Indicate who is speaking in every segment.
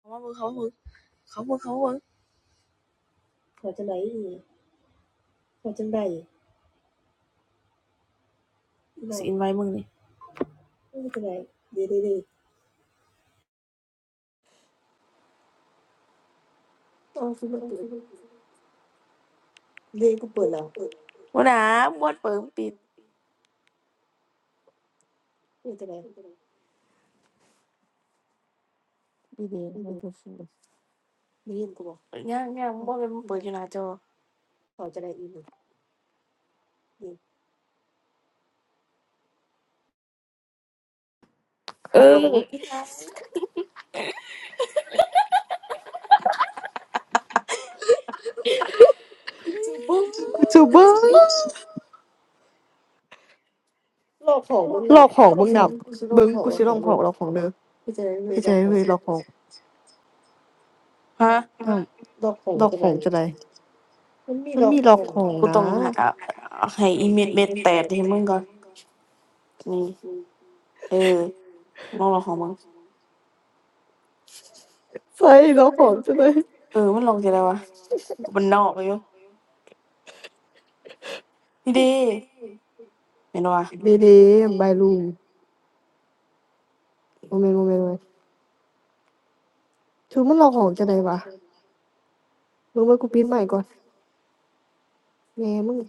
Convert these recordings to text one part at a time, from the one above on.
Speaker 1: เขาว่าเบิ่งเขาว่าเบ่งเขาเ่งเขามเ่งขอจังไดนอีขอจังไหนสิอินไว้มึงนี่ไม่เออจังไรเด๋ยวเด้เด้เดีมด้กูเปิดแล้ววปนะบ่เปิดปิดไม่เออจังไดดีดีมันเปิดฟูได้ยินกูบ่ย่างยง่างบดเปนเปิดอยู่หน้าจอขอจังไดอีนี่
Speaker 2: Oh boy!
Speaker 1: ปึ้ง
Speaker 2: Locking box,
Speaker 1: ลอกของมึงแล้วมึงกูสิ
Speaker 2: bung.
Speaker 1: ลอกข
Speaker 2: Bung, I want to lock the
Speaker 1: องแล้
Speaker 2: box.
Speaker 1: วของเลย
Speaker 2: Lock the box.
Speaker 1: กูจะได้มี
Speaker 2: Hey,
Speaker 1: ลอกข
Speaker 2: let
Speaker 1: อง
Speaker 2: me lock the
Speaker 1: ฮะ
Speaker 2: box.
Speaker 1: ลอกของ
Speaker 2: Lock the
Speaker 1: จังได
Speaker 2: box. What? There
Speaker 1: มันมีลอก
Speaker 2: is a
Speaker 1: ขอ
Speaker 2: lock
Speaker 1: งกูต้องหา
Speaker 2: box.
Speaker 1: เอาให้อีเม็ดเม็ดแตกให้มึงก่อนนี่เออ น้องลองของมึงใช่
Speaker 2: Yes,
Speaker 1: เรา
Speaker 2: lock the
Speaker 1: ของ
Speaker 2: box.
Speaker 1: ใช่ไหม
Speaker 2: What?
Speaker 1: เออมันลองจะได้วะมันนอกเลยอยู่นี่ดีเห็นวะดีดีดีดี
Speaker 2: Name,
Speaker 1: ดี
Speaker 2: Baloo. Moment, moment. What?
Speaker 1: คือมมน่
Speaker 2: Who
Speaker 1: อง
Speaker 2: is
Speaker 1: ของจะ
Speaker 2: locking
Speaker 1: เลย
Speaker 2: the
Speaker 1: ม
Speaker 2: box?
Speaker 1: รู้
Speaker 2: Bung, I
Speaker 1: ว่ากู
Speaker 2: want
Speaker 1: ปี
Speaker 2: to
Speaker 1: น
Speaker 2: change
Speaker 1: ใหม่ก็
Speaker 2: the
Speaker 1: เออ
Speaker 2: name.
Speaker 1: ไม่
Speaker 2: Bung, I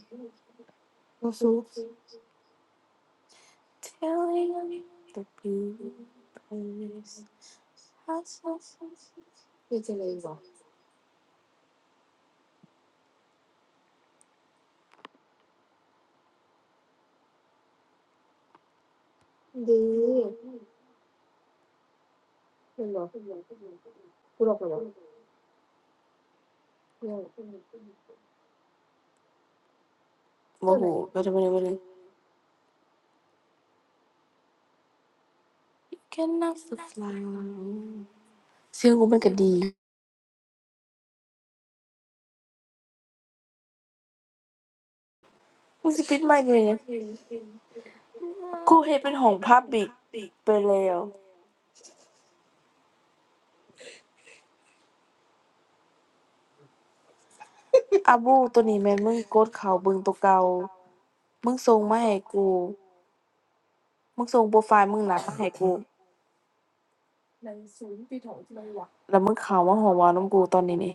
Speaker 1: ไม่
Speaker 2: want to
Speaker 1: ซื้อ
Speaker 2: sue.
Speaker 1: Telling e the b e s ไม่จะเลยวะดีเป็นหรอกูหลอกหรอเนยโมโหก็จะไม่ได้ไม่ได้ Can not fly เสียงกูมันก็ดี มึงสิปิดไมค์อยู่เนี่ยงกูเฮ็ดเป็นห้องพับบิกไปแล้วอาบูตัวนี้แม่นมึงกดเข้าเบิ่งตัวเก่ามึงส่งมาให้กูมึงส่งโปรไฟล์มึงหลักมาให้กูแล้วมึงเข้ามาห้องเว้านํกูตอนนี้นี่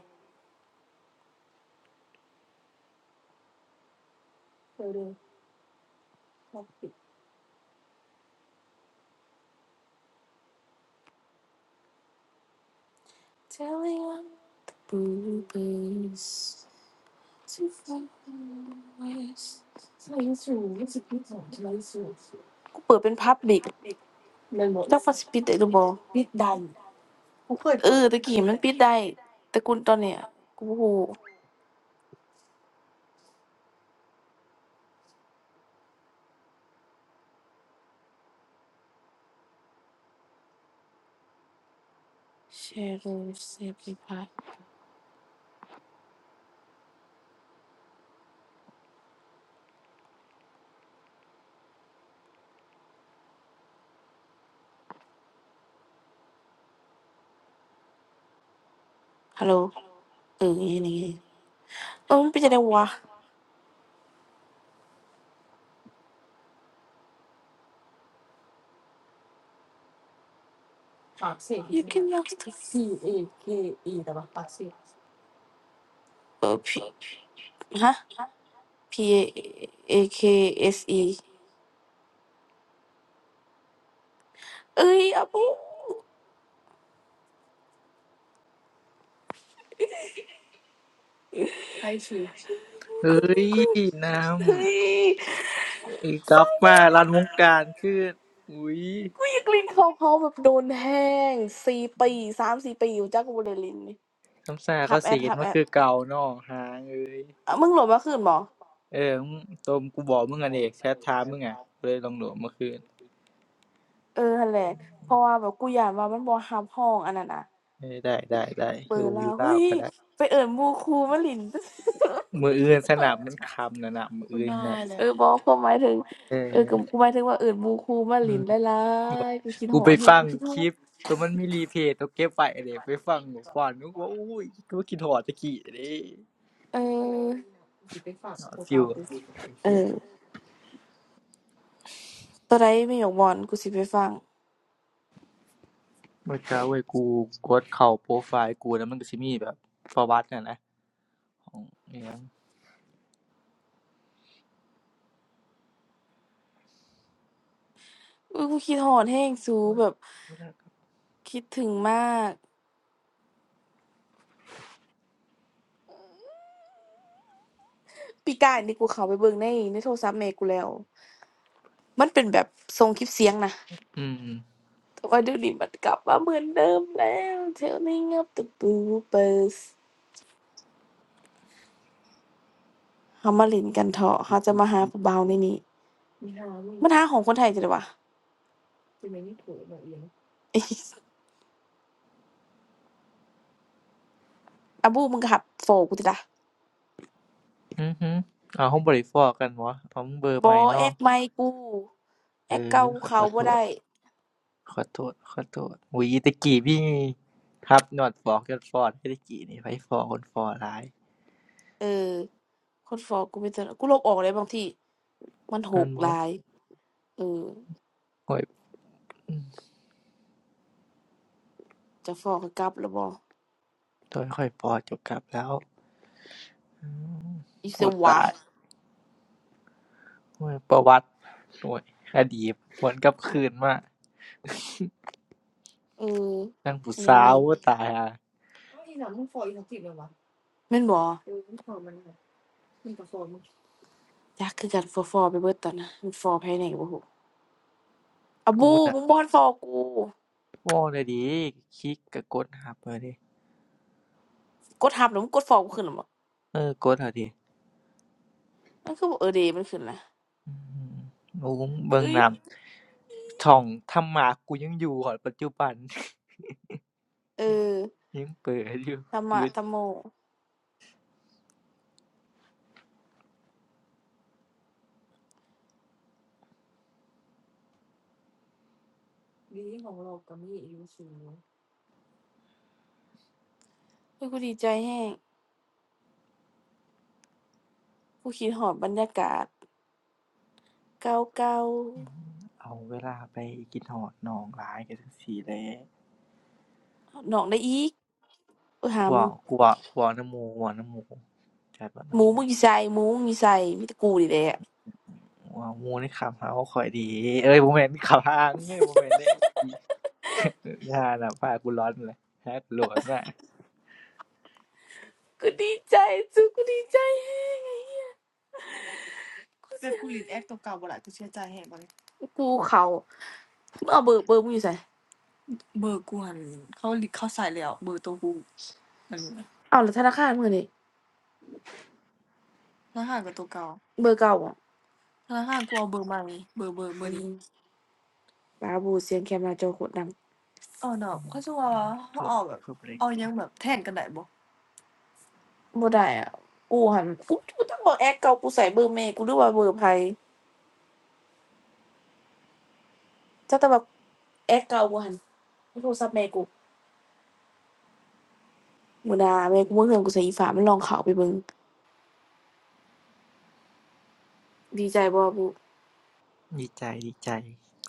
Speaker 1: Telling on bluebirds to fly west กูเปิดเป็นพับบิกจักว่าสิปิดได้หรือบ่ปิดได้ เออตะกี้มันปิดได้แต่กูตอนเนี้ยกูโ้หแชรรูเซฟรีพายฮัลโหลเอออย่างนี้เออมันเป็นจังได๋วะปากเสีอีก you can lock the A K E แต่ว่าปากเสีเออ P ฮะ P A A K S E เอ้ยอะปูใครชื่อ
Speaker 3: เฮ้
Speaker 1: กู
Speaker 3: ย
Speaker 1: กู
Speaker 3: น้
Speaker 1: เฮ้ย
Speaker 3: ำไอ้ก๊อฟมารันวงการขึ้นอุ้ย
Speaker 1: กูอยากเลินเขาเขาแบบโดนแห้งสี่ปีสามสี่ปีอยู่จักกูบ่ได้เลินนี่
Speaker 3: คำสา
Speaker 1: ฮั
Speaker 3: เขา
Speaker 1: บแอด
Speaker 3: สีน
Speaker 1: ฮับ
Speaker 3: ว่า
Speaker 1: แอด
Speaker 3: คือเก่าเนอกหางเอ้ย
Speaker 1: อ่ะมึงโหลดมาคืนบ่
Speaker 3: เออมึงโตมกูบอกมึงอันเอกแชทท้ามึงอ่ะเลยลองโหลดเมื่อคืน
Speaker 1: เออหั้นแหละเพราะว่าแบบกูย้านว่ามันบ่รับรับอันนั้นน่ะ
Speaker 3: เออได้ได้ได้
Speaker 1: เบ
Speaker 3: อ
Speaker 1: อ
Speaker 3: ยู่
Speaker 1: ร์
Speaker 3: อ
Speaker 1: ลา
Speaker 3: ยู่
Speaker 1: ว
Speaker 3: เล่า
Speaker 1: เฮ้
Speaker 3: ว
Speaker 1: ย
Speaker 3: ก็ได้
Speaker 1: ไปเอิ้นหมู่ครูมาเล่น
Speaker 3: มืออื่นสนามมันคำนะนะมือ
Speaker 1: คุณ
Speaker 3: อื่น
Speaker 1: นา
Speaker 3: นะ
Speaker 1: ยแหลเอะอบ่ความหมายถึง
Speaker 3: เออ
Speaker 1: เออก็กูหมายถึงว่าเอิ้นหมู่ครูมา
Speaker 3: อื
Speaker 1: เล่น
Speaker 3: ม
Speaker 1: หลายๆกูคิด
Speaker 3: กู
Speaker 1: ฮอด
Speaker 3: ไป
Speaker 1: รับ
Speaker 3: ฟั
Speaker 1: กู
Speaker 3: ง
Speaker 1: คิดฮอ
Speaker 3: ค
Speaker 1: ด
Speaker 3: ลิปตัวมันมีรีเพลย์ตัวเก็บไว้เด็กไปฟังหัวฟอนนึกว่าอุ้ยก็กินหอดตะกี้เด้
Speaker 1: เออสอไปฝาก
Speaker 3: ห
Speaker 1: บ
Speaker 3: อ
Speaker 1: อ
Speaker 3: ด
Speaker 1: ก
Speaker 3: ฟิ
Speaker 1: เก่า
Speaker 3: ว
Speaker 1: คือส
Speaker 3: ไอ้
Speaker 1: เอ
Speaker 3: เหี้ย
Speaker 1: อตัวใดมีหยกม่อนกูสิไปฟัง
Speaker 3: บ่จักเว้ยกูกดเข้าโปรไฟล์กูแล้วมันก็สิมีแบบฟอร์วัตินั่นนะของอิหยัง
Speaker 1: อื้อกูคิดฮอดรับสูแบบคิดถึงมากปีก่ายนี่กูเข้าไปเบิ่งในในโทรศัพท์แม่กูแล้วมันเป็นแบบส่งคลิปเสียงน่ะ
Speaker 3: อืม
Speaker 1: แต่ว่าเดี๋ยวนี้มันกลับมาเหมือนเดิมแล้วเทลนี่งับตะปูเปิสเฮามาเล่นกันเถอะเขาจะมาหาผู้บ่าวในนี้มันหาของคนไทยจะได้วะอ้ บูมึงก็หับโฟกูติดะ
Speaker 3: อือฮึอ้าห้องบริฟอร์อกันวะเอามึงเบอร์ให
Speaker 1: บ่
Speaker 3: ม่
Speaker 1: แอ
Speaker 3: เนาะ
Speaker 1: กใหม่กูแอ
Speaker 3: เอ
Speaker 1: ก
Speaker 3: อ
Speaker 1: เก่ากู
Speaker 3: ขอข
Speaker 1: เขา
Speaker 3: อ
Speaker 1: บ่
Speaker 3: โท
Speaker 1: ได้
Speaker 3: ษขอโทษขอโทษอุ๊ยตะกี้มีทับนอดพ้อยอร์ดพ้อแตะกี้นี่ไผฟอร์คนฟอรอหลาย
Speaker 1: เออคนฟอลกูไมแต่เจอกูลบออกเลยบางทีมันห
Speaker 3: เงิ
Speaker 1: ก
Speaker 3: น
Speaker 1: ห
Speaker 3: บ่
Speaker 1: ลายเออ
Speaker 3: ข้อยอือ
Speaker 1: จะฟอลกกลับแล้วบ่
Speaker 3: ตอนข้อยพอจบกลับแล้ว
Speaker 1: อีเส
Speaker 3: โอ้
Speaker 1: วะ
Speaker 3: ตายโอ้ยประวัติโอ้ยอดีตหวนกลับคืนมา
Speaker 1: เออ
Speaker 3: นางผู้
Speaker 1: อหยัง
Speaker 3: สา
Speaker 1: แหน
Speaker 3: วโอ้ตายอ่ะ
Speaker 1: อ้าวอี่แม่นบ่เออมึงฟอลมันหา มันก็ฟอร์มจักคือกันฟอฟอไปเบิดตอนน่ะมันฟอภายในก็บ่รู้อะ
Speaker 3: กู
Speaker 1: บู
Speaker 3: น่ะ
Speaker 1: มึงบ่ทันฟอกู
Speaker 3: ว้าได้ดีคลิกก็กดหับเอาเดะ
Speaker 1: กดทับแล้วมึงกดฟอกูขึ้นหรอบ่
Speaker 3: เออกดเอาเดะ
Speaker 1: มันคือบ่เออเดมันขึ้นน่ะ
Speaker 3: อือโอ้เบิ่ง
Speaker 1: เอ้
Speaker 3: ห
Speaker 1: ย
Speaker 3: นำช่องธรรมะกูยังอยู่ฮอดปัจจุบัน
Speaker 1: เออ
Speaker 3: ยังเปิดอยู่
Speaker 1: ธรร
Speaker 3: ห
Speaker 1: มะ
Speaker 3: รือ
Speaker 1: ธรรมโมดีของเราก็มีอยู่สูงเฮ้ยกูดีใจแฮงกูคิดฮอดบรรยากาศเก่า
Speaker 3: เอาเวลาไปคิดฮอดน้องหลายก็จั่งซี้แหละ
Speaker 1: ๆน้องได้อีกเอยหา
Speaker 3: กู
Speaker 1: มึ
Speaker 3: เว้า
Speaker 1: ง
Speaker 3: กูเว้ากูเว้านำหมู่กูเว้านำหมู่จัดเว้า
Speaker 1: ห
Speaker 3: นำ
Speaker 1: มู
Speaker 3: หมู่
Speaker 1: มึงอยู่ไสหมูมึงอยู่ไสมีแต่กูนี่แหละ
Speaker 3: เว้าหมู่ในคำหาว่าข้อยดีเอ้ยบ่แม่นเข้าหามงเอยบ่แม่นเดะอิอย่าน่ะพากูร้อนแหละหากูโหลดมา
Speaker 1: กูดีใจสุดกูดีใจแฮงไอ้เหี้ยกูแต่เสียกูรีแอคตัวเก่าบ่ล่ะกูเชื่อใจแฮะบ่เลยกูเขา มึงเอาเบอร์เบอร์มึงอยู่ไสนเบอร์กหันเขาลิเขาใส่แล้วเบอร์ตัวกูอันนี้นะเอาวแล้วธนาคารมึงอะนี่ธนาคารกับตัวเก่าเบอร์เก่าบ่ธนาคารกูเอาเบอร์ใหม่เบอร์เบอร์เบอร์นี้บาบูเสียงแคมหน้าโจอโคตรดังเอาดอกเขาจะว่า
Speaker 3: โท
Speaker 1: เขา
Speaker 3: ษ
Speaker 1: เอาแบบ
Speaker 3: เพิ่นบ่ได้
Speaker 1: เอายังแบบแทนกันได้บ่บ่ได้อ่ะกูหันกูกูต้องบอกแอคเก่ากูใส่เบอร์แม่กูหรือว่าเบอร์ไผจักแต่ว่าแอคเก่ากูหันโทรศัพท์แม่กูมื้อหน้าแม่กูบ่เฮือนกูใส่อีฟ้ามันลองเข้าไปเบิ่งดีใจบ่บู
Speaker 3: ดีใจดีใจ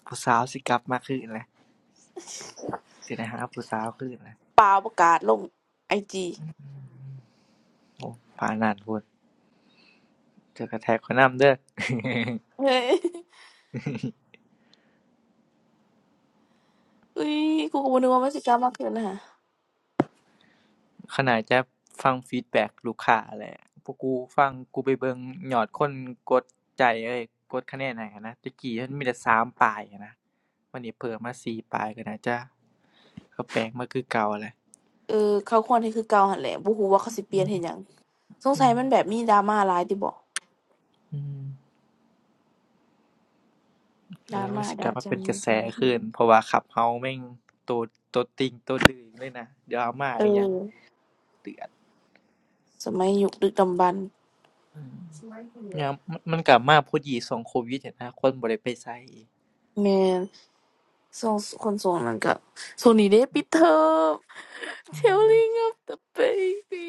Speaker 3: ผู้สาวสิกลับมาคือกันแหละ สิได้หาผู้สาวคือนเนลยะ
Speaker 1: เปล่าประกาศลงไอจี
Speaker 3: โอ้ผ่านนันพู้นเจ้ากระแท็กขน้ายำเด้อ
Speaker 1: เฮ้ย อุ้ยกูก็บ่นึกว่ามันสิกล้ามากเกินนะฮะ
Speaker 3: ขนาดจะฟังฟีดแบ็กลูกค้าแหละพวกกูฟังกูไปเบิ่งยอดคนกดใจเอ้ยกดคะแนนให้นนะตะกี้มันมีแต่สามปลายนะวันนี้เพิ่มมาสี่ปลายก็น่าจะก็แปลกมาคือเก่าแหละ
Speaker 1: เออเขาควรที่คือเก่าหั่นแหละบ่ฮู้ว่าเขาสิเปลี่ยนเฮ็ดหยังสง
Speaker 3: อื
Speaker 1: สัย
Speaker 3: ม
Speaker 1: มันแบบมีดราม่าหลายติบ่
Speaker 3: อืมเอ
Speaker 1: ดรา
Speaker 3: อมั
Speaker 1: ม่า
Speaker 3: นสิก
Speaker 1: ดา
Speaker 3: ลับมา
Speaker 1: จัง
Speaker 3: เป็นก
Speaker 1: นี้
Speaker 3: ระแส
Speaker 1: จังน
Speaker 3: ขึ้น เพราะว่าขับเขาแม่งตัวตัวติ่งตัวดื้อเลยนะเดี๋ยวเอามา
Speaker 1: เอ
Speaker 3: อีหยัง
Speaker 1: อ
Speaker 3: เตือน
Speaker 1: สมัยยุคดึกดำบรรพ์
Speaker 3: อืมยามมมันก็มาพอดีช่วงโควิดหั้นนะคนบ่ได้ไปไส
Speaker 1: แม่นส่วงคนส่วงนั้นก็ส่วงนี้เด้ปิดเทอม
Speaker 3: อืม
Speaker 1: Telling of the baby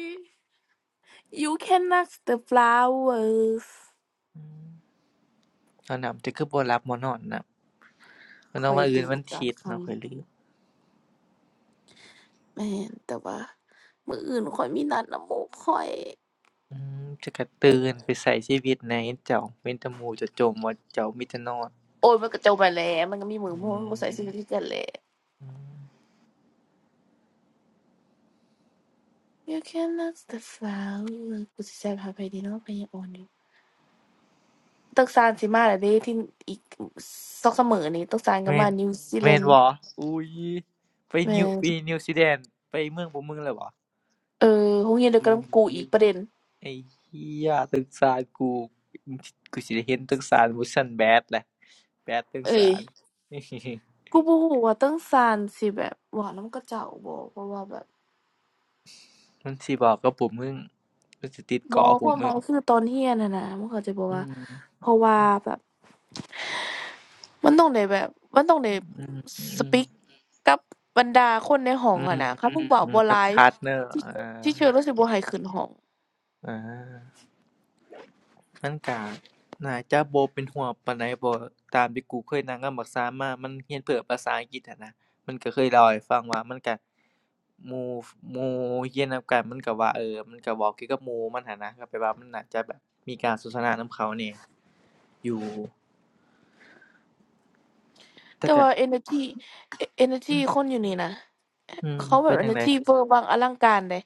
Speaker 1: You can knock the flowers
Speaker 3: อืมตอนนั้นจะคือบ่หลับบ่นอนนำก็นึ
Speaker 1: ค่
Speaker 3: ก
Speaker 1: อย
Speaker 3: ว่าเอื่น
Speaker 1: ดี
Speaker 3: วันอา
Speaker 1: ตอน
Speaker 3: ทิตย์
Speaker 1: คำ
Speaker 3: เนาะข้อยลืม
Speaker 1: แม่นแต่ว่ามื้ออื่นข้อยมีนัดนำหมู่ข้อย
Speaker 3: อืมจะก็ตื่นไปก็ชีวิตน่ะเห็นเจ้าเห็นต่หมู่จะโจมว่าเจ้ามีแต่นอน
Speaker 1: โอ้ยมันก็จบไปแล้วมันก็มีมื้อ
Speaker 3: อื
Speaker 1: เพราะมันบ่ใส่ชี
Speaker 3: ม
Speaker 1: วิตคือกันแหละ
Speaker 3: อืม
Speaker 1: You can love the flower กูสิแซ่บหาไปดีเนาะไปยางอ่อนอยู่ตึกซานสิมาแล้วเด้ที่อีกสองสามมื้อนี้ตึกซานก็
Speaker 3: แม่
Speaker 1: มา
Speaker 3: น
Speaker 1: นิวซีแล
Speaker 3: แม่
Speaker 1: น
Speaker 3: น
Speaker 1: ด์
Speaker 3: บ่อุ๊ยไป
Speaker 1: แม่
Speaker 3: นิว
Speaker 1: น
Speaker 3: ไปนิวซีแลนด์ไปเมืองบ่เมืองแล้วบ่
Speaker 1: เออโรงเรียนเดียวกัน
Speaker 3: อุ๊
Speaker 1: กั
Speaker 3: ย
Speaker 1: บกูอีกประเด็น
Speaker 3: ไอ้เหี้ยสงสารกูกูสิได้เห็นสงสารหมู่ซั้นแบดแหละ แปดถึง
Speaker 1: เอ้ย
Speaker 3: สาม
Speaker 1: กูบ่รู้ว่าตึกซานสิแบบเวานำก็เจ้าบ่เพราะว่าแบบ
Speaker 3: มันสิบอกกับผมมึงมันสิติด
Speaker 1: บ่
Speaker 3: เกาะผ
Speaker 1: ค
Speaker 3: ม
Speaker 1: วามห
Speaker 3: มึ
Speaker 1: มาย
Speaker 3: ง
Speaker 1: คือตอนเรียนน่ะนะมึงเข้าใจบ่
Speaker 3: อื
Speaker 1: ว่า
Speaker 3: ม
Speaker 1: เพราะว่าแบบ มันต้องได้แบบมันต้องได้
Speaker 3: อืมอืม
Speaker 1: speak กับบรรดาคนในห้อง
Speaker 3: อื
Speaker 1: อะ
Speaker 3: ม
Speaker 1: นะคัอืนผู้เว้า
Speaker 3: อืม
Speaker 1: บ่ห
Speaker 3: กับ
Speaker 1: ลาย
Speaker 3: พาร์ทเนอร์อ่
Speaker 1: ที่
Speaker 3: า
Speaker 1: เชื่อรู้สึกบ่ให้ขึ้นห้อง
Speaker 3: อ่ามันกะน่าจะบ่เป็นห่วงปานใดบ่ตามที่กูเคยนั่งกับบักซามมามันเรียนเพื่อภาษาอังกฤษหั้นนะมันก็เคยเล่าให้ฟังว่ามันก็หมู่หมู่เรียนนำกันมันก็ว่าเออมันก็เว้าเกี่ยวกับหมู่มันหั้นนะก็แปลว่ามันน่าจะแบบมีการสนทนานำเขาแหน่อยู่แต่
Speaker 1: แต่
Speaker 3: ก็
Speaker 1: ว่า energy เอ energy คนอยู่นี่นะ
Speaker 3: อืม
Speaker 1: เขาแบ
Speaker 3: เป็
Speaker 1: บ
Speaker 3: นจั่งใด
Speaker 1: energy เวอร์วังอลังการเดะ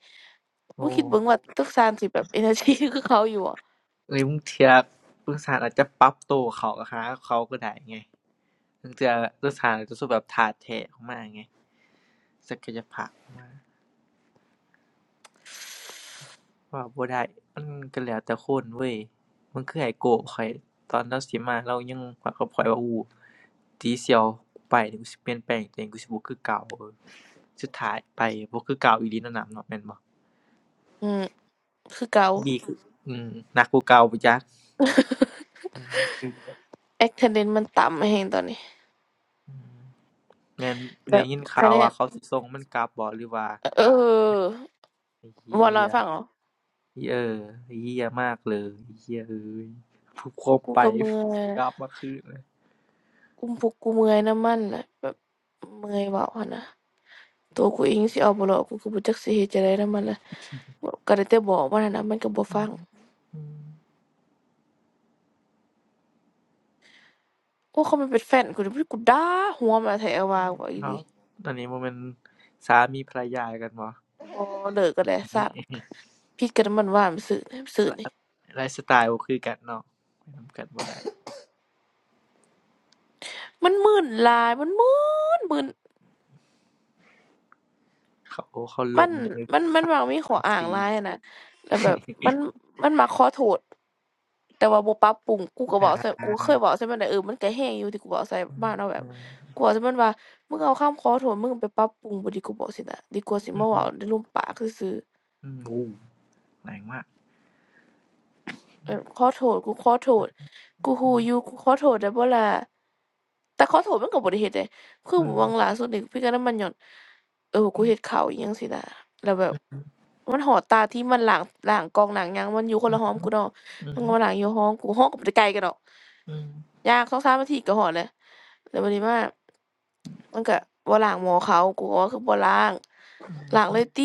Speaker 1: บ่
Speaker 3: โอ้
Speaker 1: คิดเบิ่งว่าตึกสานสิบแบบ energy คือเขาอยู่อะ
Speaker 3: เอ้ยบางเที่เร่งสถานอาจจะปรับตัวเข้าหาเขาก็ได้ไงลางเทื่อรัฐบางสถานอาจจะสู้สึกแบบท่าแท้ออกมาไงศักยภาพออกมาเว้าบ่ได้มันก็แล้วแต่คนเว้ยมันคือไอ้โก้ข้อยตอนเลาสิมาเลายังวัากับข้อยว่าอู้ตีเสี่ยวกูไปนี่กูสิเปลี่ยนแปลงตัวเองกูสิบ่คือเก่าสุดท้ายไปบ่คือเก่าอีหลีนำหนำเนาะแม่นบ่
Speaker 1: อืมคือเก่า
Speaker 3: ดีคืออือหนักกว่าเก่าพู้นจักอือ
Speaker 1: attendance มันต่ำแฮงตอนนี้
Speaker 3: อือแม่น
Speaker 1: แบ
Speaker 3: ได้
Speaker 1: บ
Speaker 3: ยินข่า
Speaker 1: คะ
Speaker 3: ว
Speaker 1: แน
Speaker 3: ว่า
Speaker 1: น
Speaker 3: เขาสิส่งมันกลับบ่หรือว่า
Speaker 1: เออ
Speaker 3: ไอ้เหี้
Speaker 1: บ่เล่าให้
Speaker 3: ย
Speaker 1: ฟังเหรอ
Speaker 3: เออไ้เหี้ยมากเลยเหี้ยเอ้ยพูดโค
Speaker 1: พวก
Speaker 3: ม
Speaker 1: กู
Speaker 3: ไป
Speaker 1: ก็เมื่อย
Speaker 3: กราฟมาขึ้นเลย
Speaker 1: กลุ่มพวกกูเมื่อยนำมันน่ะแบบเมื่อยเว้าหั้นน่ะ ตัวกูเองสิเอาบ่รอดกูก็บ่จักสิเฮ็ดจังไดนำมันล่ะก็ได้แต่บอกว่านั่นน่ะมันก็บ่ฟัง
Speaker 3: อืม
Speaker 1: โอ้เขามันเป็นแฟนกูนี่กูด่าหัวมันแท้ว่าว่าอี
Speaker 3: ค
Speaker 1: ห
Speaker 3: รั
Speaker 1: ลี
Speaker 3: บตอนนี้มันเป็นสามีภรรยากันวะ
Speaker 1: บ่เลิกกันแหละสร้วซะผิดกันมันว่ามันซื่อนะมันซื่อ
Speaker 3: ไล
Speaker 1: นี่
Speaker 3: ฟ์ไลฟ์สไตล์บ่คือกันเนาะไปนำกันบ่ได้
Speaker 1: มันมึนหลายมันมึนมึน
Speaker 3: เขาเขาหล
Speaker 1: มัน
Speaker 3: งใน
Speaker 1: มันมัน
Speaker 3: ฝั
Speaker 1: มักมีข้อ
Speaker 3: น
Speaker 1: อ้าง
Speaker 3: สี
Speaker 1: หลายอะนะแล้วแบบมัน มันมักขอโทษ แต่ว่าบ่ปรับปรุงกูก็
Speaker 3: อา
Speaker 1: เว้าใส่กูเคยเว้าใส่มันได้เออมันก็แฮงอยู่ที่กูเว้าใส่มันเนาะแบบ
Speaker 3: อื
Speaker 1: กูเว้าใส่มันว่ามึงเอาคำขอโทษมึงไปปรับปรุงบ่ดีกูบอกสินะดีกว่าสิมาเว้า
Speaker 3: ม
Speaker 1: ในรูปปากซื่อๆ
Speaker 3: อืมโอ้แรงมาก
Speaker 1: เออขอโทษกูขอโทษกูรู้อยู่กูขอโทษได้บ่ล่ะแต่ขอโทษมันก็บ่ได้เฮ็ดเดะคือ
Speaker 3: อื
Speaker 1: ห
Speaker 3: ม
Speaker 1: วังล่าสุดนี่คุยกันนำมันญ้อนเออกูเฮ็ดข้าวอิหยังสินะแล้วแบบมันฮอดตาที่มันล้างล้างกล่องล้างหยังมันอยู่คน
Speaker 3: อื
Speaker 1: ละ
Speaker 3: อ
Speaker 1: หอกกูเนาะ
Speaker 3: อืม
Speaker 1: มันก็มาล้างอยู่หอมกูหอมก็บ่ได้ไกลกันดอก
Speaker 3: อือ
Speaker 1: ย่างสองสามนาทีก็ฮอดแล้ว แล้วบัดนี้ว่ามันก็บ่ล้างหม้อเขากูก็ว่าคือบ่ล้างล้างเลยติ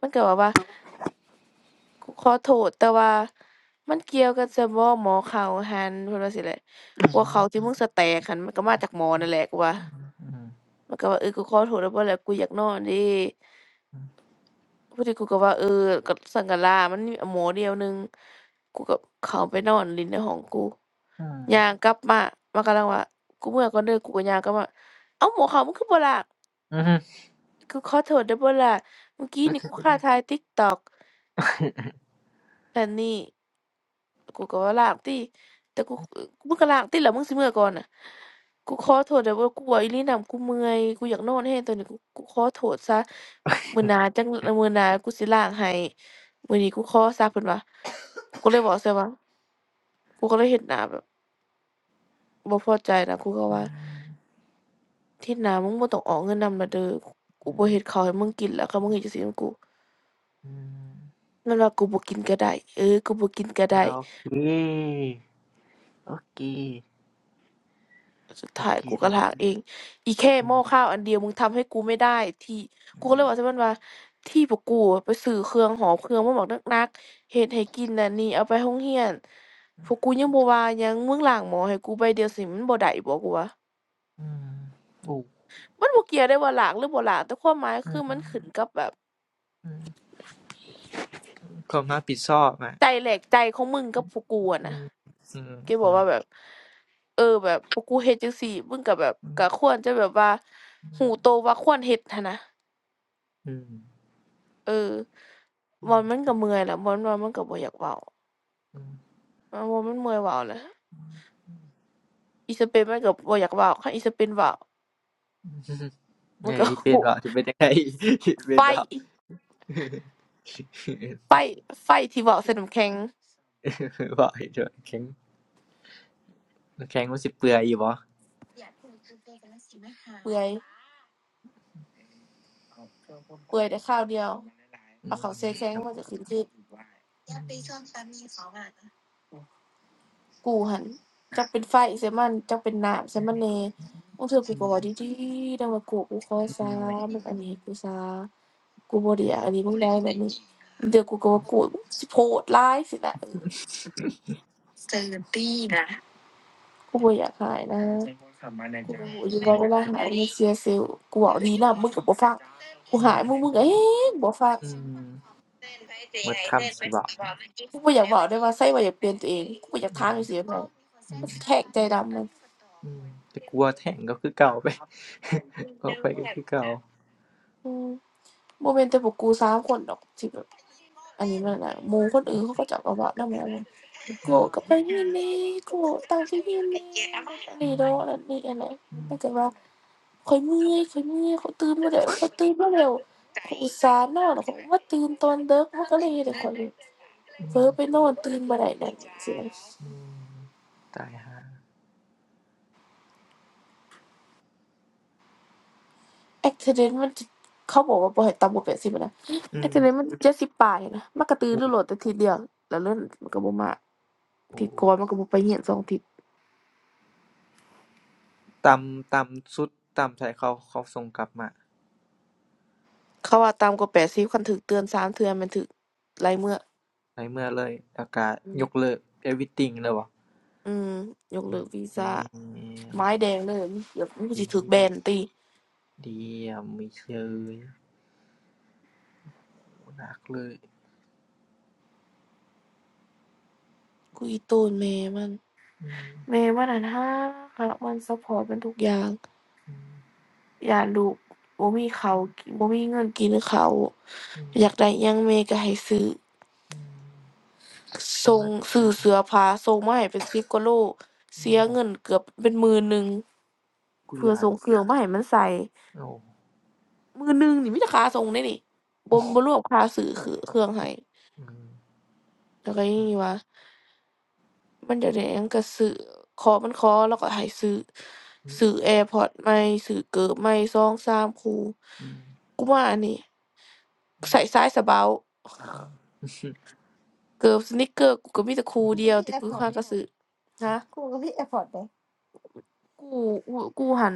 Speaker 1: มันก็แบบว่ากูขอโทษแต่ว่ามันเกี่ยวกันซะบ่หม้อข้าวหั่นเพิ่นว่าจั่งซี้แหละ
Speaker 3: อื
Speaker 1: กลัว
Speaker 3: ม
Speaker 1: ข้าวที่มึงสิแตกหั้นมันก็มาจากหม้อนั่นแหละกูว่า
Speaker 3: อื
Speaker 1: มันก็ว่าเออกูขอโทษได้บ่ล่ะกูอยากนอนเด้
Speaker 3: ออื
Speaker 1: พอดีกูก็ว่าเออก็ซั้นก็ล้างมันมีหม้อเดียวหนึ่งกูก็เข้าไปนอนเล่นในห้องกู
Speaker 3: ออื
Speaker 1: ย่างกลับมามันกำลังว่ากูเมื่อก่อนเด้อกูก็ย่างกลับมาเอ้าวหม้อข้าวมึงคือบ่ล้าง
Speaker 3: ออือฮึ
Speaker 1: กูขอโทษเด้อบลล่ะเมื่อกี้นี่กูข้าถ่าย TikTok แต่นี่กูก็ว่าล้างติแต่กูมึงก็ล้างติแล่ะมึงสิเมื่อก่อนน่ะกูขอโทษเด้อเบลกูว่าอีหลีนำกูเมื่อยกูอยากนอนแฮงตอนนี้กูกูขอโทษซะมื้อหน้าจังมื้อหน้ากูสิล้างให้มื้อนี้กูขอซะเพิ่นว่ากูเลยบอกใส่ว่ากูก็เลยเฮ็ดหน้าแบบบ่พอใจนะกูก็
Speaker 3: อือ
Speaker 1: ว่าที่หน้ามึงบ่ต้องออกเงินนำาละเด้อกูบ่เฮ็ดข้าวให้มึงกินแล้วค่ะมึงเฮ็ดจังซี่นำกู
Speaker 3: อือ
Speaker 1: มันว่ากูบ่กินก็ได้เออกูบ่กินก็
Speaker 3: โอ
Speaker 1: ได้
Speaker 3: เคโอเค
Speaker 1: สุด
Speaker 3: โอ
Speaker 1: ท้าย
Speaker 3: เค
Speaker 1: กู
Speaker 3: เล
Speaker 1: ก็
Speaker 3: ย
Speaker 1: ถากเองอีแค่
Speaker 3: อื
Speaker 1: หม้อ
Speaker 3: ม
Speaker 1: ข้าวอันเดียวมึงทำให้กูไม่ได้ที่
Speaker 3: อื
Speaker 1: กูก็เลย
Speaker 3: ม
Speaker 1: บอกใช่มันว่าที่พวกกูอะไปซื้อเครื่องหอมเครื่องมาบอกนักๆเฮ็ดให้กินน่ะนี่เอาไปโรงเรียนพวกกูยังบ่ว่าหยังมึงล้างหม้อให้กูใบเดียวสิมันบ่ได้บ่กูว่า
Speaker 3: อืมโอ้
Speaker 1: มันบ่เกี่ยวได้ว่าหลากหรือบ่หลากแต่ความหมาย
Speaker 3: อื
Speaker 1: คือ
Speaker 3: ม
Speaker 1: มันขึ้นกับแบบ
Speaker 3: อืมความรับผิดชอบอ่ะ
Speaker 1: ใจแหลกใจของมึงกับพวกกูอะ
Speaker 3: อื
Speaker 1: นะ
Speaker 3: มอืม
Speaker 1: แกบ
Speaker 3: อื
Speaker 1: อก
Speaker 3: ม
Speaker 1: ว่าแบบเออแบบพวกกูเฮ็ดจังซี่มึงก็แบบก็ควรจะแบบว่า
Speaker 3: อืม
Speaker 1: หูโตว่าควรเฮ็ดหั้นนะ
Speaker 3: อืม
Speaker 1: เออ
Speaker 3: อื
Speaker 1: บอลมันก็เมื่อยแหละบอลบอลมันก็บ่อยากเว้า
Speaker 3: ม
Speaker 1: อ่าบอลมันเมื่อยเว้าแหละอีสเปนมันก็บ่อยากเว้าคันอีสเปนเว้า
Speaker 3: อืม
Speaker 1: มัน
Speaker 3: เนี่ย
Speaker 1: ก็
Speaker 3: อีเป็นว่าจะเป็นยังไงอี
Speaker 1: ไฟ
Speaker 3: เป็นว่า
Speaker 1: ไฟไฟที่เว้าใส่น้ำแข็ง
Speaker 3: ว่าไอ้เถอะแข็งแข็งมันสิเปื่อยอยู่บ่
Speaker 1: เปื่อยเปื่อยแต่ข้าวเดียว
Speaker 3: อื
Speaker 1: เอา
Speaker 3: ม
Speaker 1: เข้าใส่แข็
Speaker 3: ค
Speaker 1: ง
Speaker 3: รับ
Speaker 1: มันก็ขึ้นคือ
Speaker 3: อืม
Speaker 1: กูหันจักเป็นไฟใส่มันจักเป็นน้ำใส่มันแหน่มึงเถื่อกู
Speaker 3: อื
Speaker 1: ก็
Speaker 3: ม
Speaker 1: เว้าดีๆดังว่ากูกูขอ
Speaker 3: อื
Speaker 1: สา
Speaker 3: ม
Speaker 1: มึงอันนี้กูสากูบ่ได้
Speaker 3: อื
Speaker 1: อยาก
Speaker 3: ม
Speaker 1: อันนี้มึงได้แบบนี้บางเดี๋ยวกูก็ว่ากูสิโพดร้ายสินะ กูบ่อยากหายนะกู้อยู่
Speaker 3: ผม
Speaker 1: ว่า
Speaker 3: บ
Speaker 1: เว
Speaker 3: อก
Speaker 1: ลาหายมันเสียเซลล์กูบอกดีนะมึงก็บ่ฟังกู
Speaker 3: อื
Speaker 1: หาย
Speaker 3: ม
Speaker 1: มึงมึงก็เอ๊บ่ฟัง
Speaker 3: อืมหมดคำสิบ่
Speaker 1: กูบ่อยากบอกได้อว่าไสว่าอยากเปลี่ยนตัวเองกูบ่อยากถามจังซี่แม่ง
Speaker 3: อื
Speaker 1: มัน
Speaker 3: ม
Speaker 1: สิแทงใจดำนัน
Speaker 3: อืมแต่กลัวแท่งก็คือเก่าไป ออกไปก็คือเก่า
Speaker 1: อืมบ่แม่นแต่พวกกูสามคนดอกที่แบบอันนี้มันน่ะหมู่คนอื่นเขาก็จะเอาก็เวอานำแม่นบ่โก
Speaker 3: อื
Speaker 1: ร
Speaker 3: ม
Speaker 1: ก็ไปนี่นี่โกรธตามที่นี่นี่อันนีดอกโดนนั่นนี่อันนั้นมันก็ว่า ข้อยเมื่อยข้อยเมื่อยข้อยตื่นบ่ได้ข้อยตื่นมาแล้วข้อยอุตส่าห์นอนแล้วข้อยก็มาตื่นตอนดึกมันก็เลยเฮ็ดให้ข้อย
Speaker 3: อื
Speaker 1: เผล
Speaker 3: ม
Speaker 1: อไปนอนตื่นบ่ได้นั่นจั่งซี้นะ
Speaker 3: อืมตายฮะา
Speaker 1: a c d e n t มันจะเขาบอกว่าบ่ให้ต่ำกว่า80อะนะ
Speaker 3: อืม
Speaker 1: accident มันเจ็ดสิบปลายนะมันก็ตื่น
Speaker 3: อุ๊
Speaker 1: รู้
Speaker 3: ย
Speaker 1: โลดอาทิตย์เดียวแล้วเรื่องมันก็บ่มาอา
Speaker 3: โอ้
Speaker 1: ทิตย์ก่อ
Speaker 3: ย
Speaker 1: นมันก็บ่ไปเรียน2อาทิตย์
Speaker 3: ตำต่ำสุดต่ำไทยาเขาเขาส่งกลับมา
Speaker 1: เขาว่าต่ำกว่าแปดสิบคันถูกเตือนสามเทื่อแม่นถูกหลายมื้อ
Speaker 3: ไปเมื่อเลยอากาศ
Speaker 1: อืม
Speaker 3: ยกเลิก everything เลยว่
Speaker 1: อืมยก
Speaker 3: โอ้
Speaker 1: เลิกวี
Speaker 3: เดี
Speaker 1: ซา
Speaker 3: ยม
Speaker 1: ไม้แดงเลยเดี๋ยวมันก็
Speaker 3: ดี
Speaker 1: สิถูแบนติ
Speaker 3: เดียมไม่เชยโอ้หนักเลย
Speaker 1: กูอีตูนแม่มัน
Speaker 3: อืม
Speaker 1: แม่มันนั่นฮักฮักมันซัพพอร์ตมันทุกอย่าง
Speaker 3: อืม
Speaker 1: อยากลูกบ่มีข้าวกินบ่มีเงินกินข้าว
Speaker 3: อืม
Speaker 1: อยากได้หยังแม่ก็ให้ซื้อ
Speaker 3: อืมเป็
Speaker 1: ส่ง
Speaker 3: ว่า
Speaker 1: ซื้อเสื้อผ้าส่งมาให้เป็น10กว่าโล
Speaker 3: อื
Speaker 1: เสี
Speaker 3: ม
Speaker 1: ย
Speaker 3: โอ้
Speaker 1: เงินเกือบเป็นหมื่นหนึ่ง
Speaker 3: กู
Speaker 1: เพื่
Speaker 3: ย
Speaker 1: อ
Speaker 3: อาน
Speaker 1: ส่งเครื่องมาให้มันใส่
Speaker 3: โอ้
Speaker 1: มื้อหนึงนี่มีแต่ค่าส่งเดะนี่บ่บ่รวมค่าซื้อคือเครื่องให้
Speaker 3: อืม
Speaker 1: แล้วก็ยังมีกว่า มันอยากได้หยังก็ซื้อขอมันขอเลาก็ให้ซื้อ
Speaker 3: อืม
Speaker 1: ซื้อ AirPods ใหม่ซื้อเกิบใหม่สองสามคู่
Speaker 3: อืม
Speaker 1: กูว่าอันนี้ ใส่ซ้ายสะเบาเกิบ sneaker กูก็มีแต่คู่เดียวที่กูหาก็ซื้อฮะกูกูกูหั้น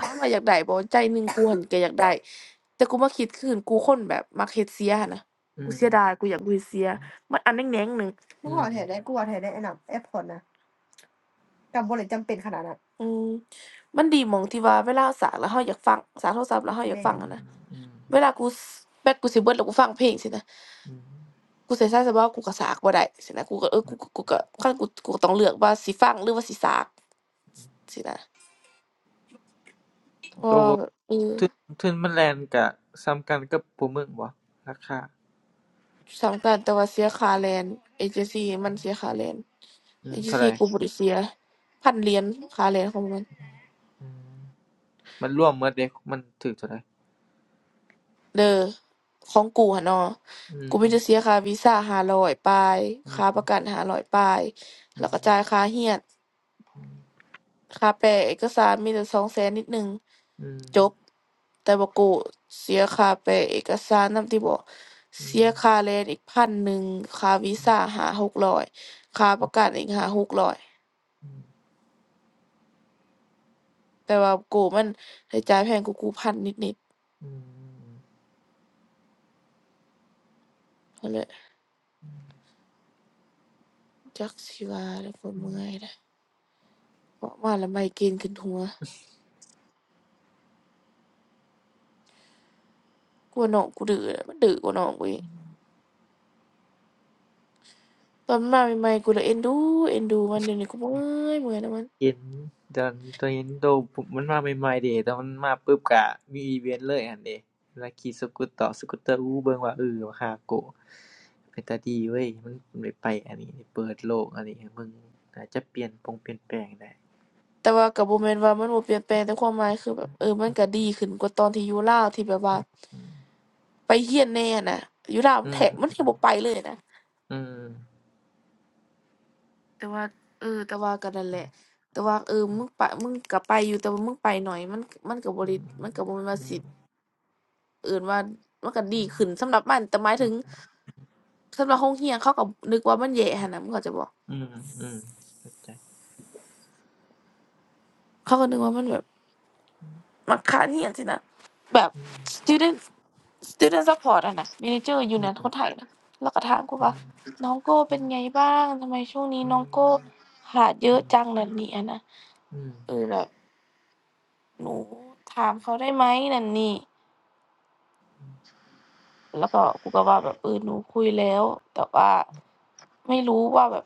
Speaker 1: ถามว่าอยากได้บ่ใจหนึ่งกูหั้นก็อยากได้ แต่กูมาคิดคืนกูคนแบบมักเฮ็ดเสียหั้นนะ
Speaker 3: อื
Speaker 1: กู
Speaker 3: ม
Speaker 1: เสียดาย กูอยากกูเฮ็ดเสีย มันอันแหน่งแหน่งหนึ่ง
Speaker 3: อืม
Speaker 1: อืมมันดีหม้องที่ว่าเวลาเราสากแล้วเราอยากฟังสากโทรศัพท์แล้วเราอยากม่
Speaker 3: อื
Speaker 1: ฟัง
Speaker 3: ม
Speaker 1: หั้นนะ
Speaker 3: อืม
Speaker 1: เวลากูสแบตกูสิเบิดแล้วกูฟังเพลงสินะ
Speaker 3: อืม
Speaker 1: กูใส่สายสะเบากูก็สากบ่ได้สินะกูก็เออกูกูก็คันกูกูก็ต้องเลือกว่าสิฟังหรือว่าสิสากสินะเพราะ
Speaker 3: โต
Speaker 1: ว่าแบบเออ
Speaker 3: ทึ่นทึ่นมันแลนก็ส่ำกันกับผู้เมืองบ่ราคา
Speaker 1: สำคัญแต่ว่าเสียค่าแรงเอเจนซีมันเสียค่าแรง
Speaker 3: อื
Speaker 1: เอ
Speaker 3: ม
Speaker 1: เจน
Speaker 3: เท่าไร
Speaker 1: ซีกูบ่ได้เสียพันเหรียญค่าแรงของมัน
Speaker 3: อืมมันรวมหมดเดะมันถูเท่าใด
Speaker 1: เด้อของกูหั้นเนาะ
Speaker 3: อื
Speaker 1: กู
Speaker 3: ม
Speaker 1: มีแต่เสียค่าวีซ่า5อยปลาย
Speaker 3: อื
Speaker 1: ค่าป
Speaker 3: ม
Speaker 1: ระกัน500ปลายแล้วก็จ่ายค่าเรียนค่าแปลเอกสารมีแต่2 0 0แสนนิดหนึ่ง
Speaker 3: อืม
Speaker 1: จบแต่บ่ากูเสียค่าแปลเอกสารนำติบ่
Speaker 3: อื
Speaker 1: เสี
Speaker 3: ม
Speaker 1: ยค่าแรงอีกพันหนึ่งค่าวีซ่าห0 0้อยค่าประกันอีกหาหกร้อย
Speaker 3: อืม
Speaker 1: แต่ว่ากูมันได้จ่ายแพงกว่ากู้1นนิด
Speaker 3: อืม
Speaker 1: ๆน่ลยจักสิว่าแล้วก็
Speaker 3: อืม
Speaker 1: เมื่อยแหละเว้าะว่าแล้วไมเกรนขึ้นหัวกูว่าน้องกูดื้อแหละมันดื้อกว่าน้องกูอีกตอนมันมาใหม่ๆกูเลยเอ็นดูเอ็นดูมันเดี๋ยวนี้กูบ่เมื่อยเมื่อยนะมัน
Speaker 3: เห็นตอนตอนเห็นโลมันมาใหม่ใหม่เดะตอนมันมาปึ๊บก็มีอีเวนต์เลยหั้นเดะเวลาขี่สกูตเตอร์สกูตเตอร์อู้เบิ่งว่าเอ้อฮาโกะเป็นตาดีเว้ยมันได้ไปอันนี้ได้เปิดโลกอันนี้ให้เบิ่งน่าจะเปลี่ยนปงเปลี่ยนแปลงได้
Speaker 1: แต่ว่าก็บ่แม่นว่ามันบ่เปลี่ยนแปลงแต่ความหมายคือแบบเออมันก็ดีขึ้นกว่าตอนที่อยู่ลาวที่แบบว่าไปเฮียนแหน่อะน่ะอยู่ลาวมั
Speaker 3: อื
Speaker 1: นแท
Speaker 3: อ
Speaker 1: บมันแทบบ่ไปเลยนะ
Speaker 3: อือ
Speaker 1: แต่ว่าเออแต่ว่าก็นั่นแหละแต่ว่าเออมึงไปมึงก็ไปอยู่แต่ว่ามึงไปหน่อยมันมันก็บ่
Speaker 3: อื
Speaker 1: ได้
Speaker 3: อ
Speaker 1: มันก็บ่แม่นว่า
Speaker 3: อื
Speaker 1: สิ
Speaker 3: อ
Speaker 1: เอิ้นว่ามันก็ดีขึ้นสำหรับมันแต่หมายถึงสำหรับโรงเรียนเขาก็นึกว่ามันแย่หั้นน่ะมึงเข้าใจบ่
Speaker 3: อืออือเข้าใจ
Speaker 1: เขาก็นึกว่ามันแบบ มักค้านเหียนสินะแบบ
Speaker 3: อือ
Speaker 1: student student support อะนะ manager อยู่
Speaker 3: อื
Speaker 1: น
Speaker 3: อ
Speaker 1: นคนไทยนะแล้วก็ถามกูว่าน้องโก้เป็นไงบ้างทำไมช่วงนี้น้องโก้ขาดเย
Speaker 3: อื
Speaker 1: อะ
Speaker 3: อ
Speaker 1: จังนั่นนี่อะนะ
Speaker 3: อือ
Speaker 1: เออแบบหนูถามเขาได้ไหมนั่นนี่แล้วก็กูก็ว่าแบบเออหนูคุยแล้วแต่ว่าไม่รู้ว่าแบบ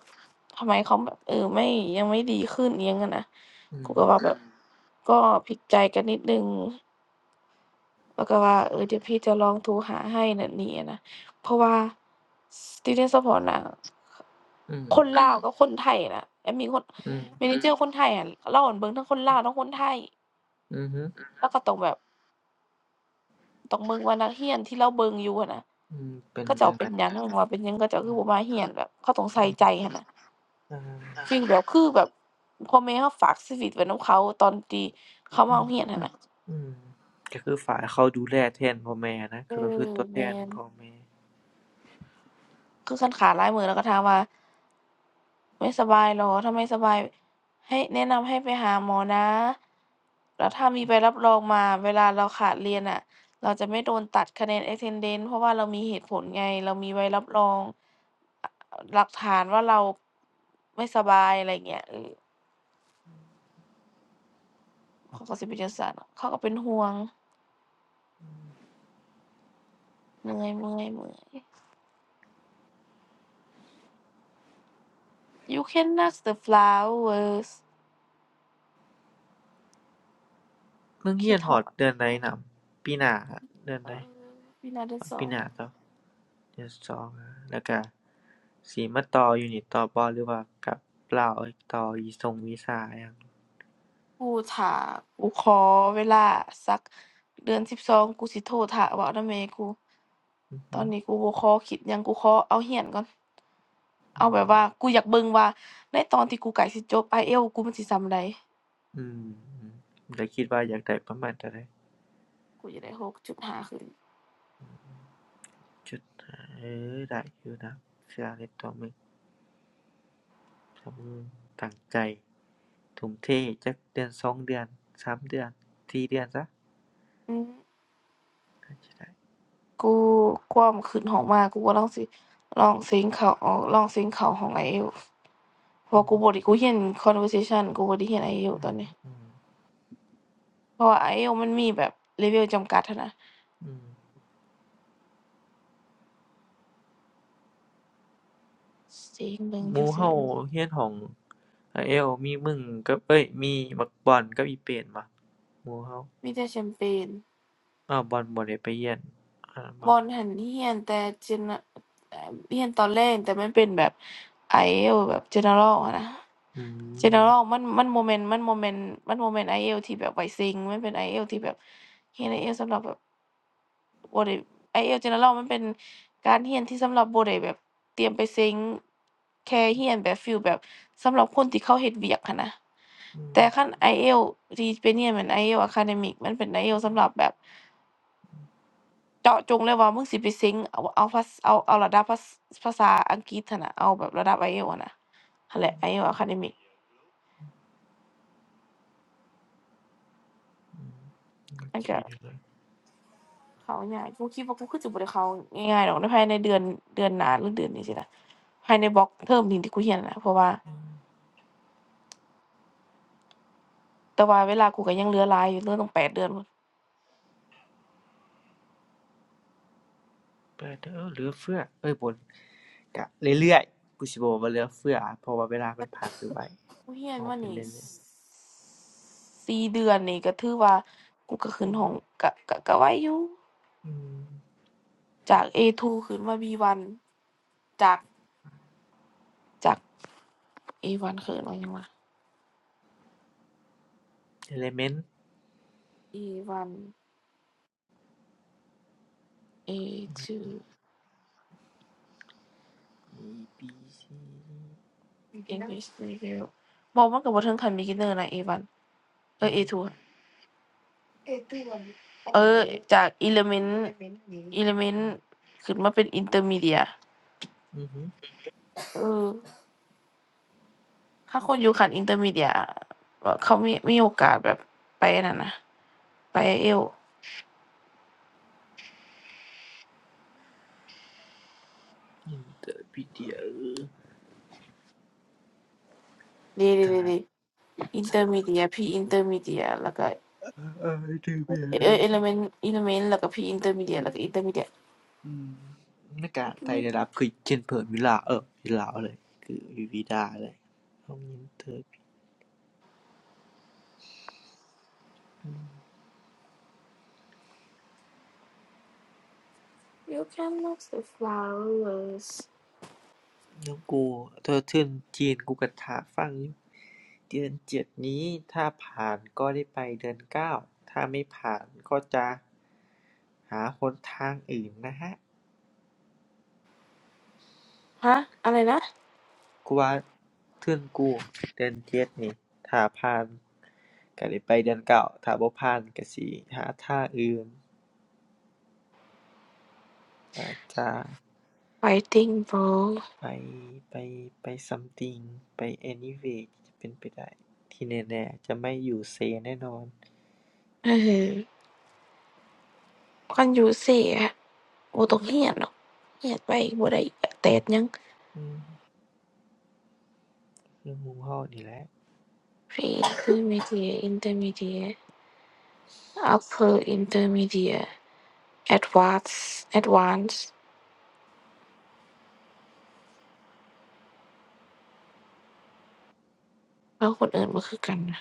Speaker 1: ทำไมเขาแบบเออไม่ยังไม่ดีขึ้นเอียงอะนะ
Speaker 3: อื
Speaker 1: กู
Speaker 3: อ
Speaker 1: ก็ว่าแบบก็พลิกใจกันนิดหนึง แล้วก็ว่าเออเดี๋ยวพี่จะลองโทรหาให้นั่นนี่อะนะเพราะว่า student support น่ะ
Speaker 3: อือ
Speaker 1: คนลาวกับคนไทยน่ะแอมมีคน
Speaker 3: อือ
Speaker 1: ม manager คนไทยอะเราอนเบิ่งทั้งคนลาวทั้งคนไทย
Speaker 3: อืออือฮึ
Speaker 1: แล้วก็ต้องแบบต้องเบิ่งว่านักเรียนที่เราเบิ่งอยู่หั้นน่ะ
Speaker 3: อือเป็น
Speaker 1: เขาเจ้า
Speaker 3: จั่ง
Speaker 1: เป็
Speaker 3: ใด
Speaker 1: นหยังว่าเป็นหยังเขาเจ้าคือบ่มาเรียนแบบเขาต้อง
Speaker 3: อื
Speaker 1: ใส่ใจ
Speaker 3: อ
Speaker 1: หั้นน่ะ
Speaker 3: อ
Speaker 1: ฟี
Speaker 3: า
Speaker 1: ลแบบคือแบบพ่อแม่เราฝากชีวิตไว้นำเขาตอนที่เขามาโรงเรียนหั้นน่ะ
Speaker 3: อืมก็คือฝายเขาดูแลแทนพ่อแม่นะ
Speaker 1: เอ
Speaker 3: เขาก็คื
Speaker 1: อ
Speaker 3: อตัวแท
Speaker 1: แม่
Speaker 3: น
Speaker 1: น
Speaker 3: พ่อแม่
Speaker 1: คือคันขาหลายมื้อแล้วก็ถามว่า ไม่สบายเหรอ ถ้าไม่สบายให้แนะนำให้ไปหาหมอนะแล้วถ้ามีใบรับรองมาเวลาเราขาดเรียนน่ะเราจะไม่โดนตัดคะแนน attendance เพราะว่าเรามีเหตุผลไง เรามีใบรับรองอหลักฐานว่าเราไม่สบายอะไรอย่างเงี้ยเออเขาก็สิเป็นจั่งซั้นเขาก็เป็นห่วงเมื่อยเมื่อยเมื่อย You can ask the flowers
Speaker 3: เมองเรี
Speaker 1: คิด
Speaker 3: ยน
Speaker 1: ฮ
Speaker 3: ฮ
Speaker 1: อ
Speaker 3: อด
Speaker 1: ด
Speaker 3: เดือนใดนำปีหน้าเดือน
Speaker 1: เอ
Speaker 3: ใด
Speaker 1: อ Been อ t
Speaker 3: ฮ
Speaker 1: the
Speaker 3: อดปี
Speaker 1: song
Speaker 3: หน้าเจอเดือนสองอะแล้วก็สิมาต่ออยู่นี่ต่อบ่หรือว่ากลับลาวอีกต่ออีส่งวีซาอหยัง
Speaker 1: กูถ้ากูขอเวลาสักเดือนสิบสองกูสิโทรท่าเว้านำแม่กูต
Speaker 3: อื
Speaker 1: อน
Speaker 3: ม
Speaker 1: นี้กูบ่ขอคิดหยังกูขอเอาเรียนก่อนเอาแบบว่ากูอยากเบิ่งว่าในตอนที่กูใกล้สิจบ IELTS กูมันสิส่ำใด
Speaker 3: อมอืมแล้วคิดว่าอยากได้ประมาณเท่าใด
Speaker 1: กูจะได้6าขึ้น
Speaker 3: จุดห้าเออได้อยู่นะเชื่อในตัวมึงถ้ามึงตั้งใจทุ่มเทจักเดือนสองเดือนสามเดือนสี่เดือนซะ
Speaker 1: อือ
Speaker 3: น่าจะได้
Speaker 1: กูความขึ้นห้องมากูก็ลองสิลองซิงค์เข้าออกลองซิงค์เข้าห้อง IELTS เพราะว่ากูบ่ได้กูเรียน conversation กูบ่ได้เรียน IELTS ตอนนี้
Speaker 3: อืม
Speaker 1: เพราะว่า IELTS มันมีแบบเลเวลจำกัดหั้นนะ
Speaker 3: อืม
Speaker 1: จริงเบิ่ง
Speaker 3: ห
Speaker 1: จั
Speaker 3: มู่
Speaker 1: กเทื่อ
Speaker 3: เรา
Speaker 1: หนึ่ง
Speaker 3: เรียนห้อง i อ l มีมึงกับเอ้ยมีบักบอนกับอีเป้นบ่หมู่เรา
Speaker 1: มีแต่แชมเปญ
Speaker 3: อ้าวบอนบ่ได้ไปเรียนอันนั้น
Speaker 1: บ
Speaker 3: บ่
Speaker 1: อลหั้นเหียนแต่เจเนเอ่อเรียนตอนแรกแต่มันเป็นแบบ IELTS แบบ general อะนะ
Speaker 3: อืม
Speaker 1: general มันมันโมเมนต์มันโมเมนต์มันโมเมนต์ IELTS ที่แบบไวเซิงมันเป็น IELTS ที่แบบเรียน IELTS สำหรับแบบบ่ได้ IELTS general มันเป็นการเรียนที่สำหรับบ่ได้แบบเตรียมไปเซิงแค่เรียนแบบฟีลแบบสำหรับคนที่เขาเฮ็ดเวียกหั้นนะ
Speaker 3: อืม
Speaker 1: แต่คัน IELTS ที่เป็นเรียนเหมือน IELTS academic มันเป็น IELTS สำหรับแบบ เจาะจงเลยว่ามึงสิไปเซ็งเอาเอาภาษาเอาเอาระดับภาษภาษาอังกฤษหั้นน่ะเอาแบบระดับ IELTS อะนะนั่นแหละ IELTS Academic
Speaker 3: โอ
Speaker 1: มัน
Speaker 3: เค
Speaker 1: ก็
Speaker 3: เลย
Speaker 1: เข้าง่ายกูคิดว่ากูคือสิบ่ได้เข้าง่ายๆดอกในภายในเดือนเดือนหน้าหรือเดือนนี้สิล่ะภายในบล็อกเทอมนี้ที่กูเรียนน่ะนล่ะเพราะว่าแต่ว่าเวลากูก็ยังเหลือหลายอยู่เหลือตั้งแปดเดือนพุ่น
Speaker 3: ไปลเด้อเหลือเฟือเอ้ยบ่นก็เรื่อยๆกูสิบ่มว่าเหลือเฟือเพราะว่าเวลามันผ่านไปไว
Speaker 1: กูเรียน
Speaker 3: เอา
Speaker 1: มา
Speaker 3: ไป
Speaker 1: นี่
Speaker 3: เรื่อยๆอย
Speaker 1: สี่เดือนนี่ก็ถือว่ากูก็ขึ้นห้องก็ก็ก็ไวอยู่
Speaker 3: อืม
Speaker 1: จาก A2 ขึ้นมาบีวันจากจาก A1 ขึ้นมาหยังวะ
Speaker 3: Element
Speaker 1: เ a อ A2
Speaker 3: A B C
Speaker 1: English Medium บอกมันก็บ่ถึงขั้น beginner นะ a นเอ้
Speaker 3: อื
Speaker 1: ย A2 อ
Speaker 3: ม
Speaker 1: ทูอะเอทูอะเออจาก element element ขึ้นมาเป็น intermediate
Speaker 3: อือฮึ
Speaker 1: เออถ้าคนอยู่ขั้น intermediate อะเขามีมีโอกาสแบบไปอันนั่นนะไปเอล
Speaker 3: Interpedia
Speaker 1: ดีดี
Speaker 3: ตา
Speaker 1: ดีดีอินเตอร์มีเดียพีอินเตอร์มีเดียแล้วก็
Speaker 3: เอ้ยเดือเบี
Speaker 1: เอเอ
Speaker 3: ย
Speaker 1: เอลเมนต์เอลเมนต์แล้วก็พีอินเตอร์มีเดียแล้วก็อินเตอร์มีเดีย
Speaker 3: อืมหน้ากากไทยได้รับคือเช่นเผิมิลาเอออวิลาเลยคือวิวิดาเลย้องยินเธอรอืม
Speaker 1: you can look the flowers
Speaker 3: น้องกูเธอเทิ่อนจีนกูก็ทาฟังอยู่เดือนเจ็ดนี้ถ้าผ่านก็ได้ไปเดือนเก้าถ้าไม่ผ่านก็จะหาหนทางอื่นนะฮะ
Speaker 1: ฮะอะไรนะ
Speaker 3: กูว่าเทิ่อนกูเดือนเจ็ดนี่ถ้าผ่านก็ได้ไปเดือนเก้าถ้าบ่ผ่านก็สิหาทางอื่นนาจะ
Speaker 1: fighting bro
Speaker 3: ไปไปไป something ไปแอนนิเว a ์ถ้เป็นไปได้ที่แน่ๆจะไม่อยู่เซแน่นอน
Speaker 1: เออคันอยู่เสียบ่ต้องเรียนหรอกเรียนไปบ่ได้แตกหยัง
Speaker 3: อืมเรื่องหมห้องนี่แหละ
Speaker 1: pre intermediate intermediate upper intermediate advance d advance d แล้วคนอื่นมันคือกันนะ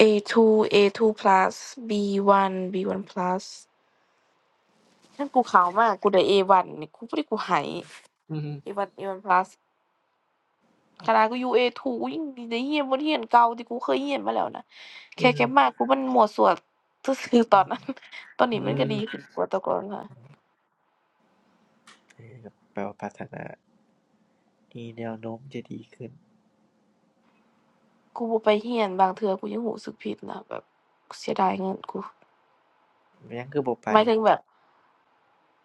Speaker 1: A2 A2 plus B1 B1 plus นั่นกูขาวมากกูได้ A1 นนี่กูบ่ได้กูไหาย
Speaker 3: อืม
Speaker 1: A1 A1 plus คัน่กูยูเอ a ูกูยังได้เรียนบทเรียนเก่าที่กูเคยเรียนมาแล้วนะ
Speaker 3: เอื
Speaker 1: แค่เก็
Speaker 3: ม
Speaker 1: มากูมันมั่วซั่วซื่อๆตอนนั้นตอนนี้
Speaker 3: อื
Speaker 1: มันก็
Speaker 3: ม
Speaker 1: ดีขึ้นกว่าแต่ก่อนค่ะ
Speaker 3: เออแปลว่าพัฒนามีแนวโน้มจะดีขึ้น
Speaker 1: กูบ่ไปเรียนบางเทื่อกูยังรู้สึกผิดนะแบบเสียดายเงินกู
Speaker 3: มันยังคือบ่ไป
Speaker 1: หมายถึงแบบ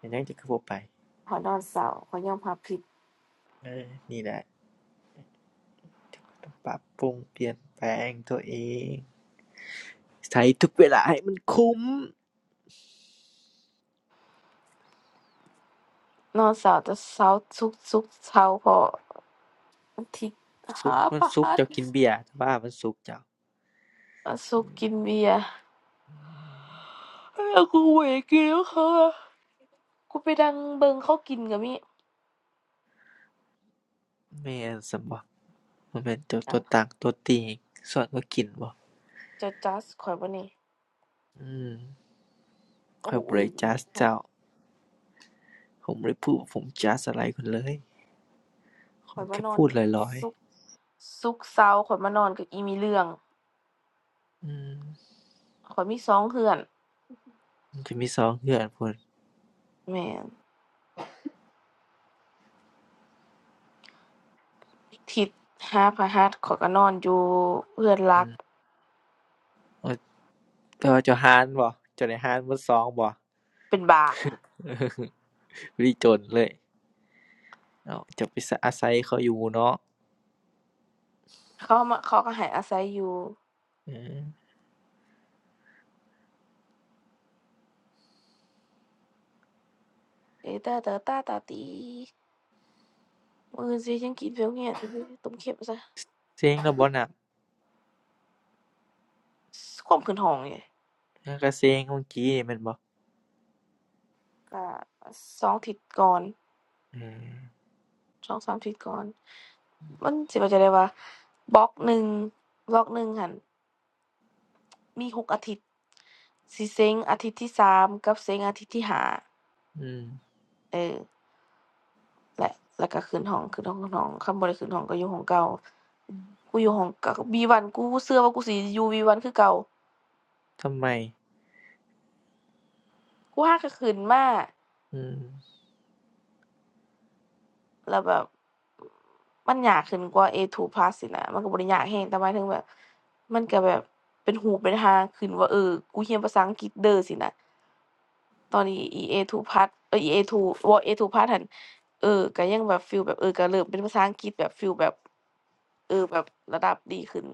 Speaker 3: มันยังจะคือบ่ไป
Speaker 1: ขอยนอนเสาร์ขอยยอมรับผิด
Speaker 3: เออนี่แหละที่ว่าต้องปรับปรุงเปลี่ยนแปลงตัวเองใช้ทุกเวลาให้มันคุ้ม
Speaker 1: นอนเสาร์แต่เสาร์ศุกร์ศุกร์เสาพออาทิตย์
Speaker 3: สุก
Speaker 1: หา
Speaker 3: มั
Speaker 1: ป
Speaker 3: น
Speaker 1: ระ
Speaker 3: ซุก
Speaker 1: หั
Speaker 3: ร์
Speaker 1: ส
Speaker 3: เจ้ากินเบียร์แต่ว่ามันซุกร์เจ้า
Speaker 1: วันศุกร์กินเบียร์แล้วกูเวกินแล้วค่ะกูไปดังเบิ่งเขากินก็มี
Speaker 3: แม่นส่ำบ่บ่แม่นเจ้า
Speaker 1: หยั
Speaker 3: ตั
Speaker 1: ง
Speaker 3: วตากตัวตีให้อนก็กินบ่อ
Speaker 1: จ๊ะจ๊ะข้อยบ่แหนี่
Speaker 3: ือ
Speaker 1: โอ้
Speaker 3: ข้อยบ่
Speaker 1: อื้
Speaker 3: ได้
Speaker 1: ออี
Speaker 3: จั
Speaker 1: ก
Speaker 3: ด
Speaker 1: หา
Speaker 3: เจ้าผมบ่ได้พูดว่าผมจัดอะไรคุณเลยผ
Speaker 1: ข้
Speaker 3: ม
Speaker 1: อยมา
Speaker 3: แค่
Speaker 1: นอน
Speaker 3: พูดลอยลอย
Speaker 1: ศุกร์ศุกร์เสาร์ข้อยมานอนกับอีมีเรื่อง
Speaker 3: อือ
Speaker 1: ข้อยมีสองเรือน
Speaker 3: มันจะมีสองเรือนพู้น
Speaker 1: แม่นถิตหาพฤหัสข้อยเรือนอนอยู่เรือนห
Speaker 3: อื
Speaker 1: ลัก
Speaker 3: อว่แต่ว่าเจ้าหารบ่เจ้าได้หารเบิดสองบ่
Speaker 1: เป็นบ้า
Speaker 3: พอดีโจนเลยเอ้าเจ้าไปอาไยเขาอยู่เนาะ
Speaker 1: เขามาเขาเรือนให้อาศัยอยู่
Speaker 3: เออ
Speaker 1: เอตาตอตาตาตีมื้ออื่นสิจั่งกินข้าวเงี้ยน ต้มเค็มซะ
Speaker 3: เซ็งแล้วบ่น่ะ
Speaker 1: ความขึ้นเรือนนี่
Speaker 3: มันก็เซ็งเมื่อกี้นี่แม่นบ่
Speaker 1: เรือนสองอาทิตย์ก่อน
Speaker 3: เออ
Speaker 1: ส2-3อาทิตย์ก่อนมันสิเข้าใจได้ว่าบล็อกหนึ่งบล็อกหนึ่งหั้น มีหกอาทิตย์สิเซ็งอาทิตย์ที่สามกับเซงอาทิตย์ที่ห้า
Speaker 3: อือ
Speaker 1: เออและแล้วก็ขึ้นห้องขึ้นห้องขึ้นห้องคันบ่ได้ขึ้นห้องก็อยู่ห้องเก่ากูอยู่ห้องเวีวันกูเชื่อว่ากูสิอยู่วีวั1คือเก่า
Speaker 3: ทำไม
Speaker 1: กูหาก็ขึ้นมา
Speaker 3: อือ
Speaker 1: แล้วแบบมันยากขึ้นกว่า A2 plus อีกนะมันก็บ่ได้ยากแฮงแต่หมายถึงแบบมันก็แบบเป็นหูเป็นหางขึ้นว่าเออกูเรียนภาษาอังกฤษเด้อสินะ ตอนนี้ EA2 Part เอทู Pad เอ้ย EA2 บ่ A2 Part หั้นเออก็ยังแบบฟีลแบบเออก็เริ่มเป็นภาษาอังกฤษแบบฟีลแบบเออแบบระดับดีขึ้น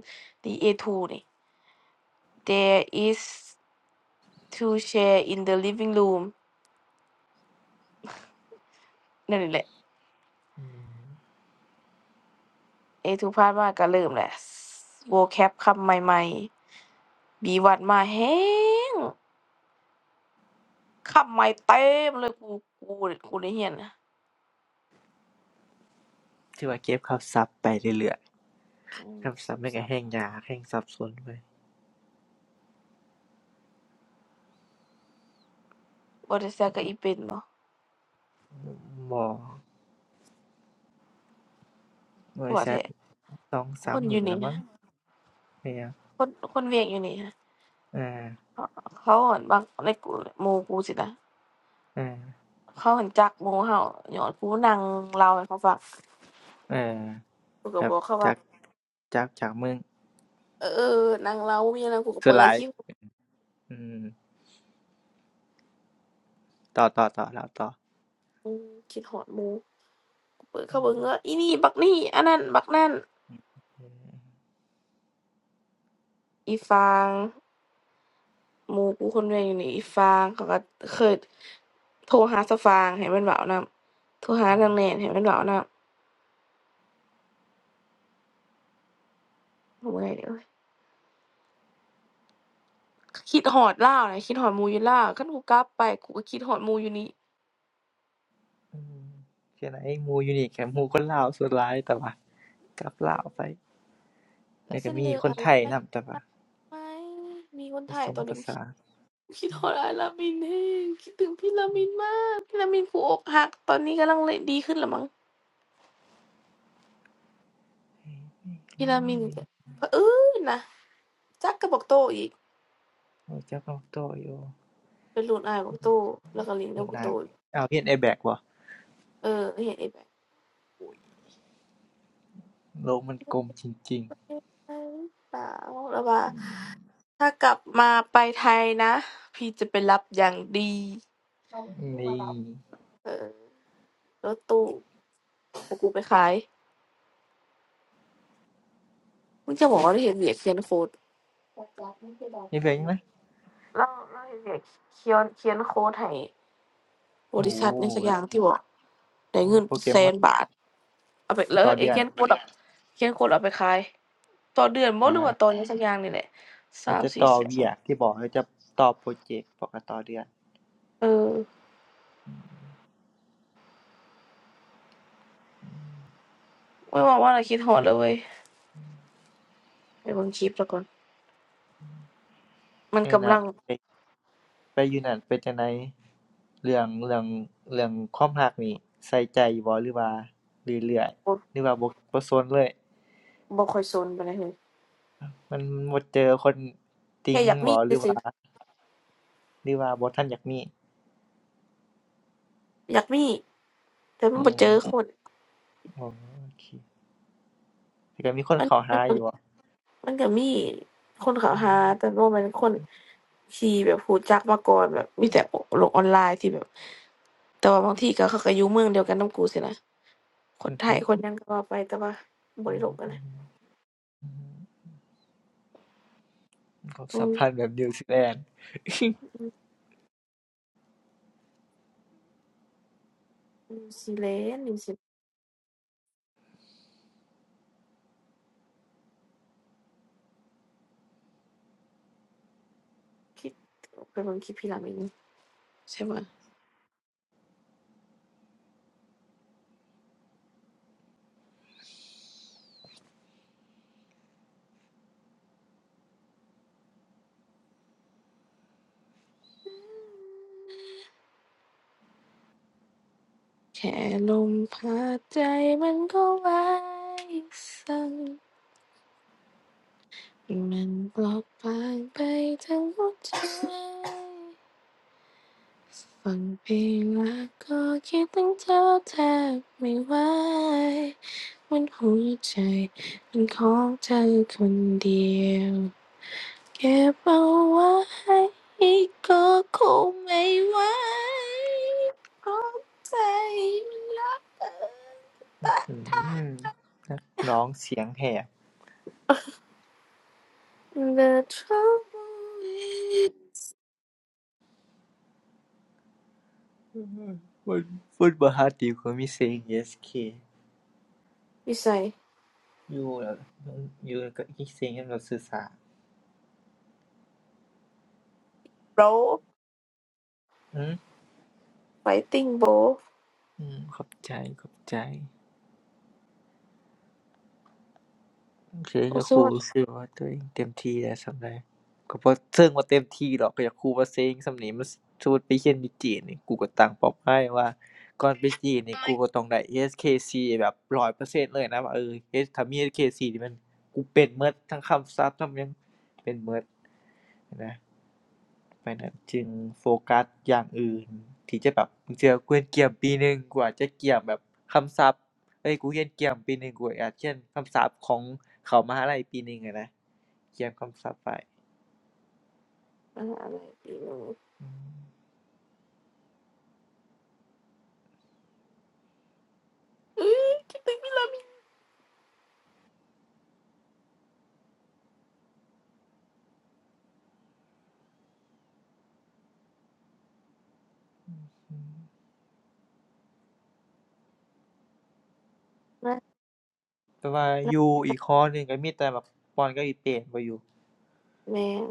Speaker 1: d a ูนี่ There is two chair in the living room นั่นนี่แหละ
Speaker 3: อือ
Speaker 1: A2 Part มาก็เริ่มแหละ vocab คำใหม่ๆ B1 มาแฮงคำใหม่เต็มเลยกูกูกูได้เรียนนะ
Speaker 3: ที่ว่าเก็บคำศัพท์ไปเรื่อยๆรื่อย
Speaker 1: อืม
Speaker 3: คำศั
Speaker 1: ซึ
Speaker 3: บท
Speaker 1: ม
Speaker 3: ม่นก็
Speaker 1: ซับ
Speaker 3: แฮ้งยาแห้งซับสน้
Speaker 1: บ่ได้ซักกับอีเป็นบ่
Speaker 3: อหไปบ่
Speaker 1: กู
Speaker 3: ไว้
Speaker 1: ว่า
Speaker 3: แซต
Speaker 1: แท้
Speaker 3: สอง
Speaker 1: ค
Speaker 3: สาม
Speaker 1: น
Speaker 3: ห
Speaker 1: อ
Speaker 3: มื
Speaker 1: ยู่
Speaker 3: นแล
Speaker 1: นี่
Speaker 3: วมั้
Speaker 1: นะ
Speaker 3: งแม่หย
Speaker 1: คนคนเวียงอยู่นี่นะ
Speaker 3: เออ
Speaker 1: เขาเห็นบางในกูหมูกูสินะ
Speaker 3: เออ
Speaker 1: เขาเห็นจักหมูเฮาหยอนกูนั่งเล่าให้เขาฟัง
Speaker 3: เออ
Speaker 1: กูก็
Speaker 3: ค
Speaker 1: บ
Speaker 3: รั
Speaker 1: อ
Speaker 3: บ
Speaker 1: กเขาว่า
Speaker 3: จากจากจากมึง
Speaker 1: เออนั่งเล่ามีอะไรกูก็
Speaker 3: สุ
Speaker 1: เปิ
Speaker 3: ดห
Speaker 1: ด
Speaker 3: ลาย
Speaker 1: คลิป
Speaker 3: อืมต่อต่อต่อแล้วต่อแ
Speaker 1: กูคิดหอดหมูกูเปิด
Speaker 3: ค
Speaker 1: เข้าเบิ่งเอออีนี่บักนี่อันนั้นบักนั่น
Speaker 3: เอ
Speaker 1: อีฟางหมูกูคนเดียวอยู่นี่อีฟางเขาก็เคยโทรหาสะฟางให้มันเว้านํโทรหาทางแหนนให้มันเว้านํโอ้ยเด้อคิดหอดเล่าวนะคิดหอดหมูอยู่เล่าวคันกูกลับไปกูก็คิดหอดหมูอยู่นี่
Speaker 3: ่ไหนมูยูนี่กมูคนลาวสุดหลายแต่ว่ากลับ
Speaker 1: เอ
Speaker 3: ลาว
Speaker 1: อ
Speaker 3: ไป
Speaker 1: แล้
Speaker 3: แล้
Speaker 1: ว
Speaker 3: วก็
Speaker 1: เส้น
Speaker 3: มี
Speaker 1: เลือก
Speaker 3: ค
Speaker 1: อะ
Speaker 3: น
Speaker 1: ไร
Speaker 3: ไทย
Speaker 1: ได้
Speaker 3: นำแต่ว่า
Speaker 1: ไหมมีคน
Speaker 3: ผ
Speaker 1: ถ่า
Speaker 3: ส
Speaker 1: ย
Speaker 3: ม
Speaker 1: ตอนนี้
Speaker 3: ภา
Speaker 1: กูคิ
Speaker 3: ษา
Speaker 1: ดคิดฮอดอายลามินแห้งคิดถึงพี่ลามินมากพี่ลามินกูอกหักตอนนี้กำลังลดีขึ้นแล้วมั้งพี่ลามินก็เผอิญนะจักกับบอกโตอีก
Speaker 3: โอ้ยเจากออกโตอยู่
Speaker 1: เป็นรุ่นอายบอกโตแล้วก็เลินกั
Speaker 3: เวี
Speaker 1: บ
Speaker 3: ยด
Speaker 1: บอก
Speaker 3: นา
Speaker 1: โตอ
Speaker 3: อาเรียน a แบกบ่
Speaker 1: เออเห็นไอ้แบบ
Speaker 3: โลกมันกลมจริง
Speaker 1: เออเปล่าแล้วว่าถ้ากลับมาไปไทยนะพี่จะไปรับอย่างดีเอารถตู้
Speaker 3: ๆ
Speaker 1: มา
Speaker 3: นี่
Speaker 1: รับเออรถตู้ของกูไปขายมึงจะบอกว่าได้เห็นเหียร์เซียนโคด เราเราเ
Speaker 3: นีเหลืออีไหม
Speaker 1: ย็กเขียนเขียนโค้ดให้บ
Speaker 3: โอ้
Speaker 1: ริ
Speaker 3: โฮ
Speaker 1: ษัทในสักอ
Speaker 3: แล้ว
Speaker 1: ย่างที่บอกได้เงิน
Speaker 3: โปร
Speaker 1: เป็น
Speaker 3: แกร
Speaker 1: แส
Speaker 3: มเมอ
Speaker 1: น
Speaker 3: ร์
Speaker 1: บาทเอาไปแล้ว
Speaker 3: ต่อ
Speaker 1: ไอ้
Speaker 3: เดือ
Speaker 1: เขี
Speaker 3: น
Speaker 1: ยนโค้ดอะเขียนโค้ดเอาไปขายต่อเดือนบ่
Speaker 3: อา
Speaker 1: หรือว่าต่อหยังสักอย่างนี่แหละ
Speaker 3: เรา
Speaker 1: สาม
Speaker 3: จะ
Speaker 1: สี่
Speaker 3: ต่อ
Speaker 1: สิบ
Speaker 3: r e ีย t ที่บอกเราจะต่อโปรเจกต์บอกว่ต่อเดือน
Speaker 1: เออ
Speaker 3: อืม
Speaker 1: ไม่ว่าว่าเราคิดฮอดเลยเว้ยไปเบิ่งคลิปแล้วก่อนมัน
Speaker 3: เอ้ย
Speaker 1: กำ
Speaker 3: นะ
Speaker 1: ลัง
Speaker 3: ไปไปอยู่นั่นเป็นจังใดเรื่องเรื่องเรื่องความรักนี่ใส่ใจอยู่บ่หรือว่าเรื่อยเื่อ
Speaker 1: บ่
Speaker 3: หรือว่าบ่บ่สนเลย
Speaker 1: บ่ค่อยสนปานใดเลย
Speaker 3: มันบ่เจอคน
Speaker 1: แค่
Speaker 3: ติ๊ง
Speaker 1: อยากมี
Speaker 3: บ่หรือ
Speaker 1: ซื่อๆอ
Speaker 3: ว่าหรือว่าบ่ทันอยากมี
Speaker 1: อยากมีแต่มัน
Speaker 3: อื
Speaker 1: บ่เจ
Speaker 3: ม
Speaker 1: อคน
Speaker 3: โอเคแต่ก็มีคน
Speaker 1: มัน
Speaker 3: เข้า
Speaker 1: มั
Speaker 3: หา
Speaker 1: นก็
Speaker 3: อยู่บ่
Speaker 1: มันก็มีคนเขาหาแต่ว่ามันคนที่แบบรู้จักมาก่อนแบบมีแต่โลกออนไลน์ที่แบบแต่ว่าบางทีก็เขาก็อยู่เมืองเดียวกันนำกูสินะคน
Speaker 3: อือ
Speaker 1: ไท
Speaker 3: ฮึ
Speaker 1: ยคนหยังก็ว่าไปแต่ว่าบ่ได้ลงกันนะ
Speaker 3: ความ
Speaker 1: อื
Speaker 3: สัม
Speaker 1: ม
Speaker 3: พันธ์แบบนิวซีแลนด์
Speaker 1: อือนิวซีแลนด์นิวซีคิดไปเบิ่งคลิปพี่หลามินงใช่ป่ะแค่ลมพัดใจมันก็ไหวสั่นมันเปลอบบางไปทั้งหัวใจ ฟังเพลงแล้วก็คิดถึงเธอแทบไม่ไหวบนหัวใจเป็นของเธอคนเดียวเก็บเอาไว้ก็คงไม่ไหวเพราะใจมันรักเธอแต่
Speaker 3: อื
Speaker 1: ถ้า
Speaker 3: มนักร้องเสียงแหบ
Speaker 1: The trouble
Speaker 3: ฟุตฟุตบอลฮาติวก็มีเสียง ESK อเอสเค
Speaker 1: พี่ใส่
Speaker 3: อยู่แล้วอยู่แล้วก็อีกเสียงแนแบ่งเสื่อสาร
Speaker 1: bro
Speaker 3: อืม
Speaker 1: fighting bro
Speaker 3: อืมขอบใจขอบใจ เชือ
Speaker 1: โอ้
Speaker 3: กะ
Speaker 1: ส
Speaker 3: ครู
Speaker 1: วัสดี
Speaker 3: รู้สึกว่าตัวเองเต็มที่แล้วส่รใดก็บ่เชิงว่าเต็มที่ดอกก็อยากครูว่าเซ็งส่ำนี้มันสมมุติไปเรียนอยู่จีนนี่กูก็ตั้งเป้าหมายว่าก่อนไปจีนนี่กูก็ต้องได้เอสเค k c แบบ100%เปอร์เซ็นต์เลยนะว่าเออเฮ็ดถ้ามี HKC นี่มันกูเป็นเบิดทั้งคำศัพท์ทั้งหยังเป็นเบิดนะ ไปนั้นจึงโฟกัสอย่างอื่นที่จะแบบบางเื่อกูเรียนเกีียมปีหนึ่งกูอาจจะเกี่ยมแบบคำศัพท์เอ๊ยกูเรียนเกีียมปีหนึ่งกูอาจเรียนคำศัพท์ของเข้ามหาลัยปีหนึ่งอะนะเกี่ยมคำศัพท์ไป
Speaker 1: อะไรอยู
Speaker 3: อือ
Speaker 1: เอ้ยคิดถึงพี่ลามิ
Speaker 3: แต่ว่า
Speaker 1: นั่
Speaker 3: อ
Speaker 1: น
Speaker 3: ยู่อีกหอหนึ่งก็มีแต่บักป้อนกับอีเป้บ่อยู่
Speaker 1: แม่ง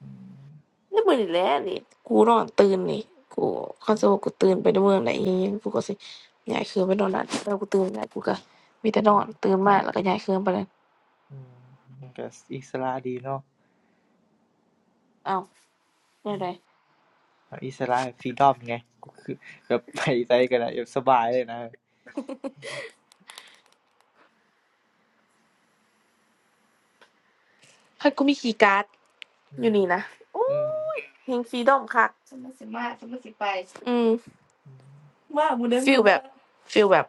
Speaker 3: อือ
Speaker 1: นี่มือนี่แหละนี่กูนอนตื่นนี่กูเขาจะว่ากูตื่นไปในเมืองไหนอีหยังกูก็สิย้ายเครื่องไปนอนนั่นแล้วกูตื่นแล้วกูก็มีแต่นอนตื่นมาแล้วก็ย้ายเครื่องไปนั่น
Speaker 3: อือมันก็อิสระดีเนาะ
Speaker 1: เอ้าวย้ายได้
Speaker 3: อิสระฟีดอมไงก็คือแบบไปไสก็ได้แบบสบายเลยนะ
Speaker 1: คันกูมีคีย์การ์ดอยู่นี่นะ
Speaker 3: อื
Speaker 1: เฮงฟรีดอมคักฉันมาสิมาฉันมาสิไปอืม
Speaker 3: อือ
Speaker 1: ว่าหมูเด้งฟีลแบบฟิลแบบ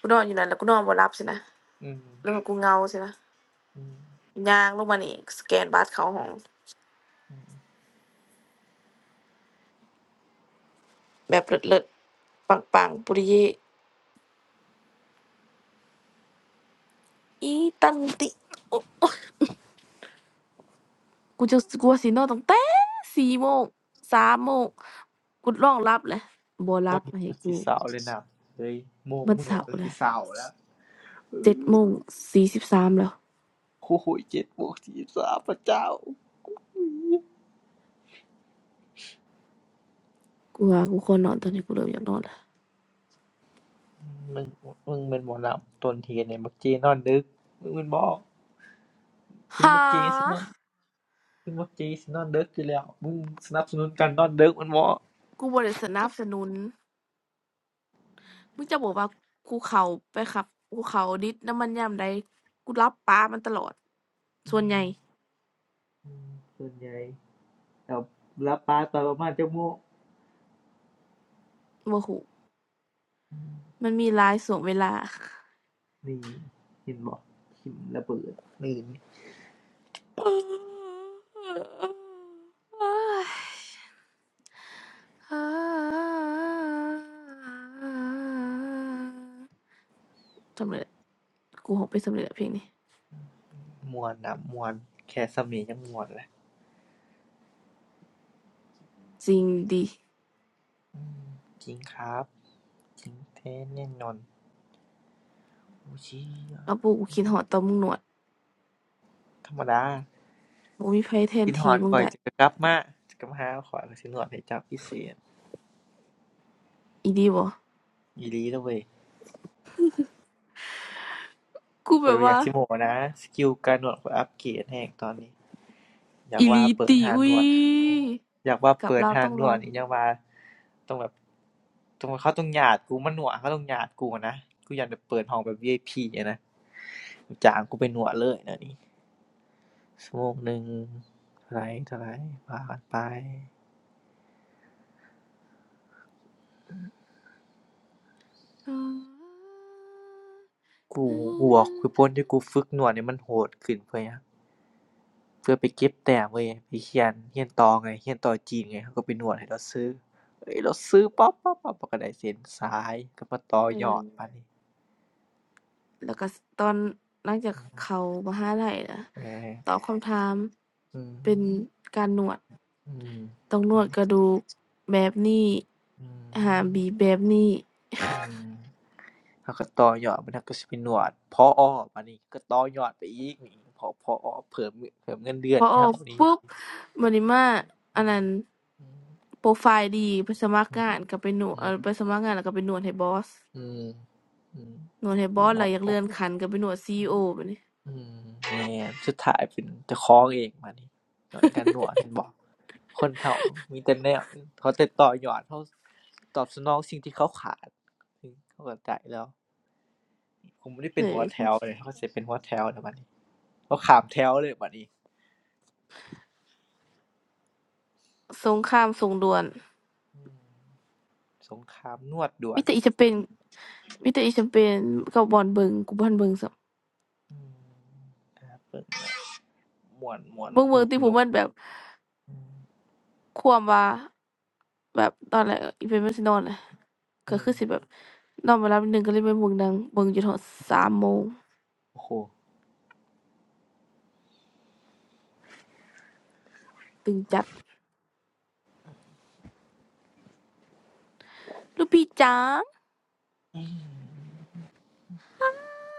Speaker 1: กูนอนอยู่นั่นแล้วกูนอนบ่หลับสินะ
Speaker 3: อือ
Speaker 1: แล้วก็กูเหงาสินะ
Speaker 3: อืออือ
Speaker 1: ย่างลงมานี่สแกนบัตรเขาของ
Speaker 3: อือ
Speaker 1: แบบเลิศๆปังๆปุริเยอีตันติ กูจะสกูว่าสินอนตั้งแต่สโมงสามโมงกูลองหลับแหละบ่ห
Speaker 3: ต
Speaker 1: ลั
Speaker 3: อน
Speaker 1: บ
Speaker 3: นี้
Speaker 1: ให้
Speaker 3: มันสิ
Speaker 1: กู
Speaker 3: สาวเลยนะเฮ้ยโมง
Speaker 1: มัน
Speaker 3: มึง
Speaker 1: เช้า
Speaker 3: อะมันสิ
Speaker 1: แล้ว
Speaker 3: สาวแล้ว
Speaker 1: เจ็ดโมงสสิบสามแล้ว
Speaker 3: คู่หูยเจ็ดบวกสี่สาวพระเจ้า
Speaker 1: กูว่ากูควรนอนตอนนี้กูเริ่มอยากนอนแล้ว
Speaker 3: มึงมึงเป็นหมอลำต้นเหตุเนี่ยมักจีนอนดึกมึงเป็นบอถึง
Speaker 1: หา
Speaker 3: มักจีสินอนถึงมักจีสินอนดึกอยู่แล้วมึงสนับสนุนการนอนดึกมันบอม
Speaker 1: กูบ่ได้สนับสนุนมึงจะบอกว่ากูเข้าไปขับกูเข้าดิสน้ำมันยามใดกูหลับป๊ามันตลอด
Speaker 3: อ
Speaker 1: ส่วนใหญ่
Speaker 3: ืมส่วนใหญ่เรารับปลาตอนประมาณจะโมง
Speaker 1: บ่รู้
Speaker 3: อืม
Speaker 1: มันมีหลายช่วงเวลา
Speaker 3: นี่เห็นบอกหิมระเบิดนี่ป
Speaker 1: เ
Speaker 3: อก
Speaker 1: อ้ย สำเร็จกูหกไปสำเร็จอะเพลงนี้
Speaker 3: มวนนะมวนแค่สมียงยังมวนเลย
Speaker 1: จริงดิ
Speaker 3: อืมจริงครับ จริงแท้แน่นอนโอ้ชี่ย
Speaker 1: แล้วปูกูคิดหอดตอนมึงหนวด
Speaker 3: ธรรมดา
Speaker 1: บ่มีไผแทน
Speaker 3: กินฮ
Speaker 1: ที
Speaker 3: อด
Speaker 1: มึง
Speaker 3: ข้อย
Speaker 1: ได้
Speaker 3: จะกลับมาเจ้าับมาหาข้อยข้อยสินวดให้เจ้าพิเศษ
Speaker 1: อีดีบ่
Speaker 3: อีหลีเด้อเว้ย
Speaker 1: กู
Speaker 3: ข้
Speaker 1: แบ
Speaker 3: อย
Speaker 1: บ
Speaker 3: บ่อยา
Speaker 1: ว่า
Speaker 3: กสิโม้นะสกิลการนวดข้อยอัปเกรดแรงตอนนี้อยา
Speaker 1: อี
Speaker 3: ก
Speaker 1: ห
Speaker 3: ว่า
Speaker 1: ลี
Speaker 3: เปิด
Speaker 1: ติ
Speaker 3: ร้าน
Speaker 1: อุ้
Speaker 3: น
Speaker 1: ย
Speaker 3: วดอยากว่า
Speaker 1: กลับ
Speaker 3: เปิด
Speaker 1: ลาว
Speaker 3: ร้า
Speaker 1: ต้
Speaker 3: น
Speaker 1: อง
Speaker 3: น
Speaker 1: ล
Speaker 3: ว
Speaker 1: อ
Speaker 3: ด
Speaker 1: ง
Speaker 3: นี่ยังว่าต้องแบบต้องเขาต้องญาติกูมานวดเขาต้องญาติกูอะนะกูย้านแบบเปิดห้องแบบ VIP อพีอะนะจ้างกูไปนวดเลยเดี๋ยวนี้ชั่วโมงหนึ่งเท่าไรเท่าไรว่ากันไป กูกูบอกคือคนที่กูฝึกนวดให้มันโหดขึ้นเพื่อหยังเพื่อไปเก็บแต้มเว้ยไปเรียนเรียนต่อไงเรียนต่อจีนไงเขาก็ไปนวดให้เลาซื้อเฮ้ยเลาซื้อปั๊บปั๊บปั๊บเลาก็ได้เส้นสายก็มาต่อ
Speaker 1: เอ
Speaker 3: ยอ
Speaker 1: อ
Speaker 3: ดบัดนี้
Speaker 1: แล้วก็ตอนหลังจากเขามหาลัยนะ
Speaker 3: เออ
Speaker 1: ตอบคำถาม
Speaker 3: อืม
Speaker 1: เป็นการหนวด
Speaker 3: อืม
Speaker 1: ต้องนว
Speaker 3: ่
Speaker 1: ดก
Speaker 3: อ
Speaker 1: ระดูกแบบนี้
Speaker 3: อืม
Speaker 1: หามบีบแบบนี้
Speaker 3: อืมเขาก็ต่อยอดบัดนั้นก็สิไปนวดผอบัดนี้ก็ต่อยอดไปอีกนี่ผอผอเพิ่มเพิ่มเงินเดือ
Speaker 1: พ
Speaker 3: น
Speaker 1: ออ
Speaker 3: ให้
Speaker 1: อก
Speaker 3: เรานี่
Speaker 1: ปุ๊บบัดนี้มาอันนั้น
Speaker 3: อืม
Speaker 1: โปรไฟล์ดีไปสมัคร
Speaker 3: อื
Speaker 1: งา
Speaker 3: ม
Speaker 1: นก็ไปหนวด
Speaker 3: อื
Speaker 1: เอ่อ
Speaker 3: ม
Speaker 1: ไปสมัครงานแล้วก็ไปหนวดให้บอส
Speaker 3: อืมอืม
Speaker 1: หนวดให้บอส
Speaker 3: หั
Speaker 1: แล้
Speaker 3: ว
Speaker 1: วอยาก
Speaker 3: โอ
Speaker 1: เลื่อนขั้นก็ไปหนวด CEO บัดนี้
Speaker 3: อืมแม่นสุดท้ายเป็นเจ้าของเองบัดนี้โดนกันนั่วเห็นบ่คนเรามีแต่แนวเขาแต่ต่อยอดเราตอบสนองสิ่งที่เขาขาดอือเขาเข้าใจแล้วผมบ่ได้
Speaker 1: เห
Speaker 3: เป็น
Speaker 1: นื่ย
Speaker 3: หัวแถวเลยเขาสิเป็นหัวแถวแล้วบัดนี้เขาข้ามแถวเลยบัดนี้
Speaker 1: สงครามส่งด่วน
Speaker 3: อืมสงครามนวดด่ว
Speaker 1: มิ
Speaker 3: น
Speaker 1: แต่อีจะเป็นมิแต่อีจะเป็นกับบอลเบิงกูบอลเบิงสับ
Speaker 3: อืมหาเบิ่งม่วนม่วน
Speaker 1: เบิง
Speaker 3: ห
Speaker 1: เบิง
Speaker 3: นุก
Speaker 1: ที่ผ
Speaker 3: หนุ
Speaker 1: ม
Speaker 3: ก
Speaker 1: มันแบบ
Speaker 3: อืม
Speaker 1: ความว่าแบบตอนแรกอีเป็นมันสินอนแะ ก็
Speaker 3: อื
Speaker 1: คื
Speaker 3: อ
Speaker 1: อสิแบบนอนบ่หลับนิดหนึ่งก็เลยไปเบิ่งหนังเบิ่งจนฮอด3โมง
Speaker 3: โอ้โฮ
Speaker 1: ตึงจัดลูกพี่จ๋า
Speaker 3: อือ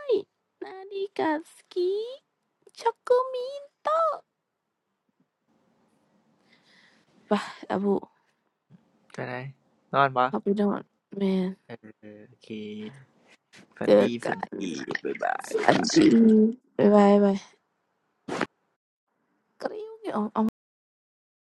Speaker 1: ย i นาดีกาสกิช็อกโกมินโตะไปอาบุ
Speaker 3: จั่งใดนอนบ่
Speaker 1: เราไปนอนแม่น
Speaker 3: เออโอเค ฝั
Speaker 1: เจ
Speaker 3: น
Speaker 1: อ
Speaker 3: ดีฝั
Speaker 1: กั
Speaker 3: น
Speaker 1: น
Speaker 3: ดี บ๊ายบาย
Speaker 1: ฝันดีบ๊ายบายบ๊ายบายกริ๊วเอาเอา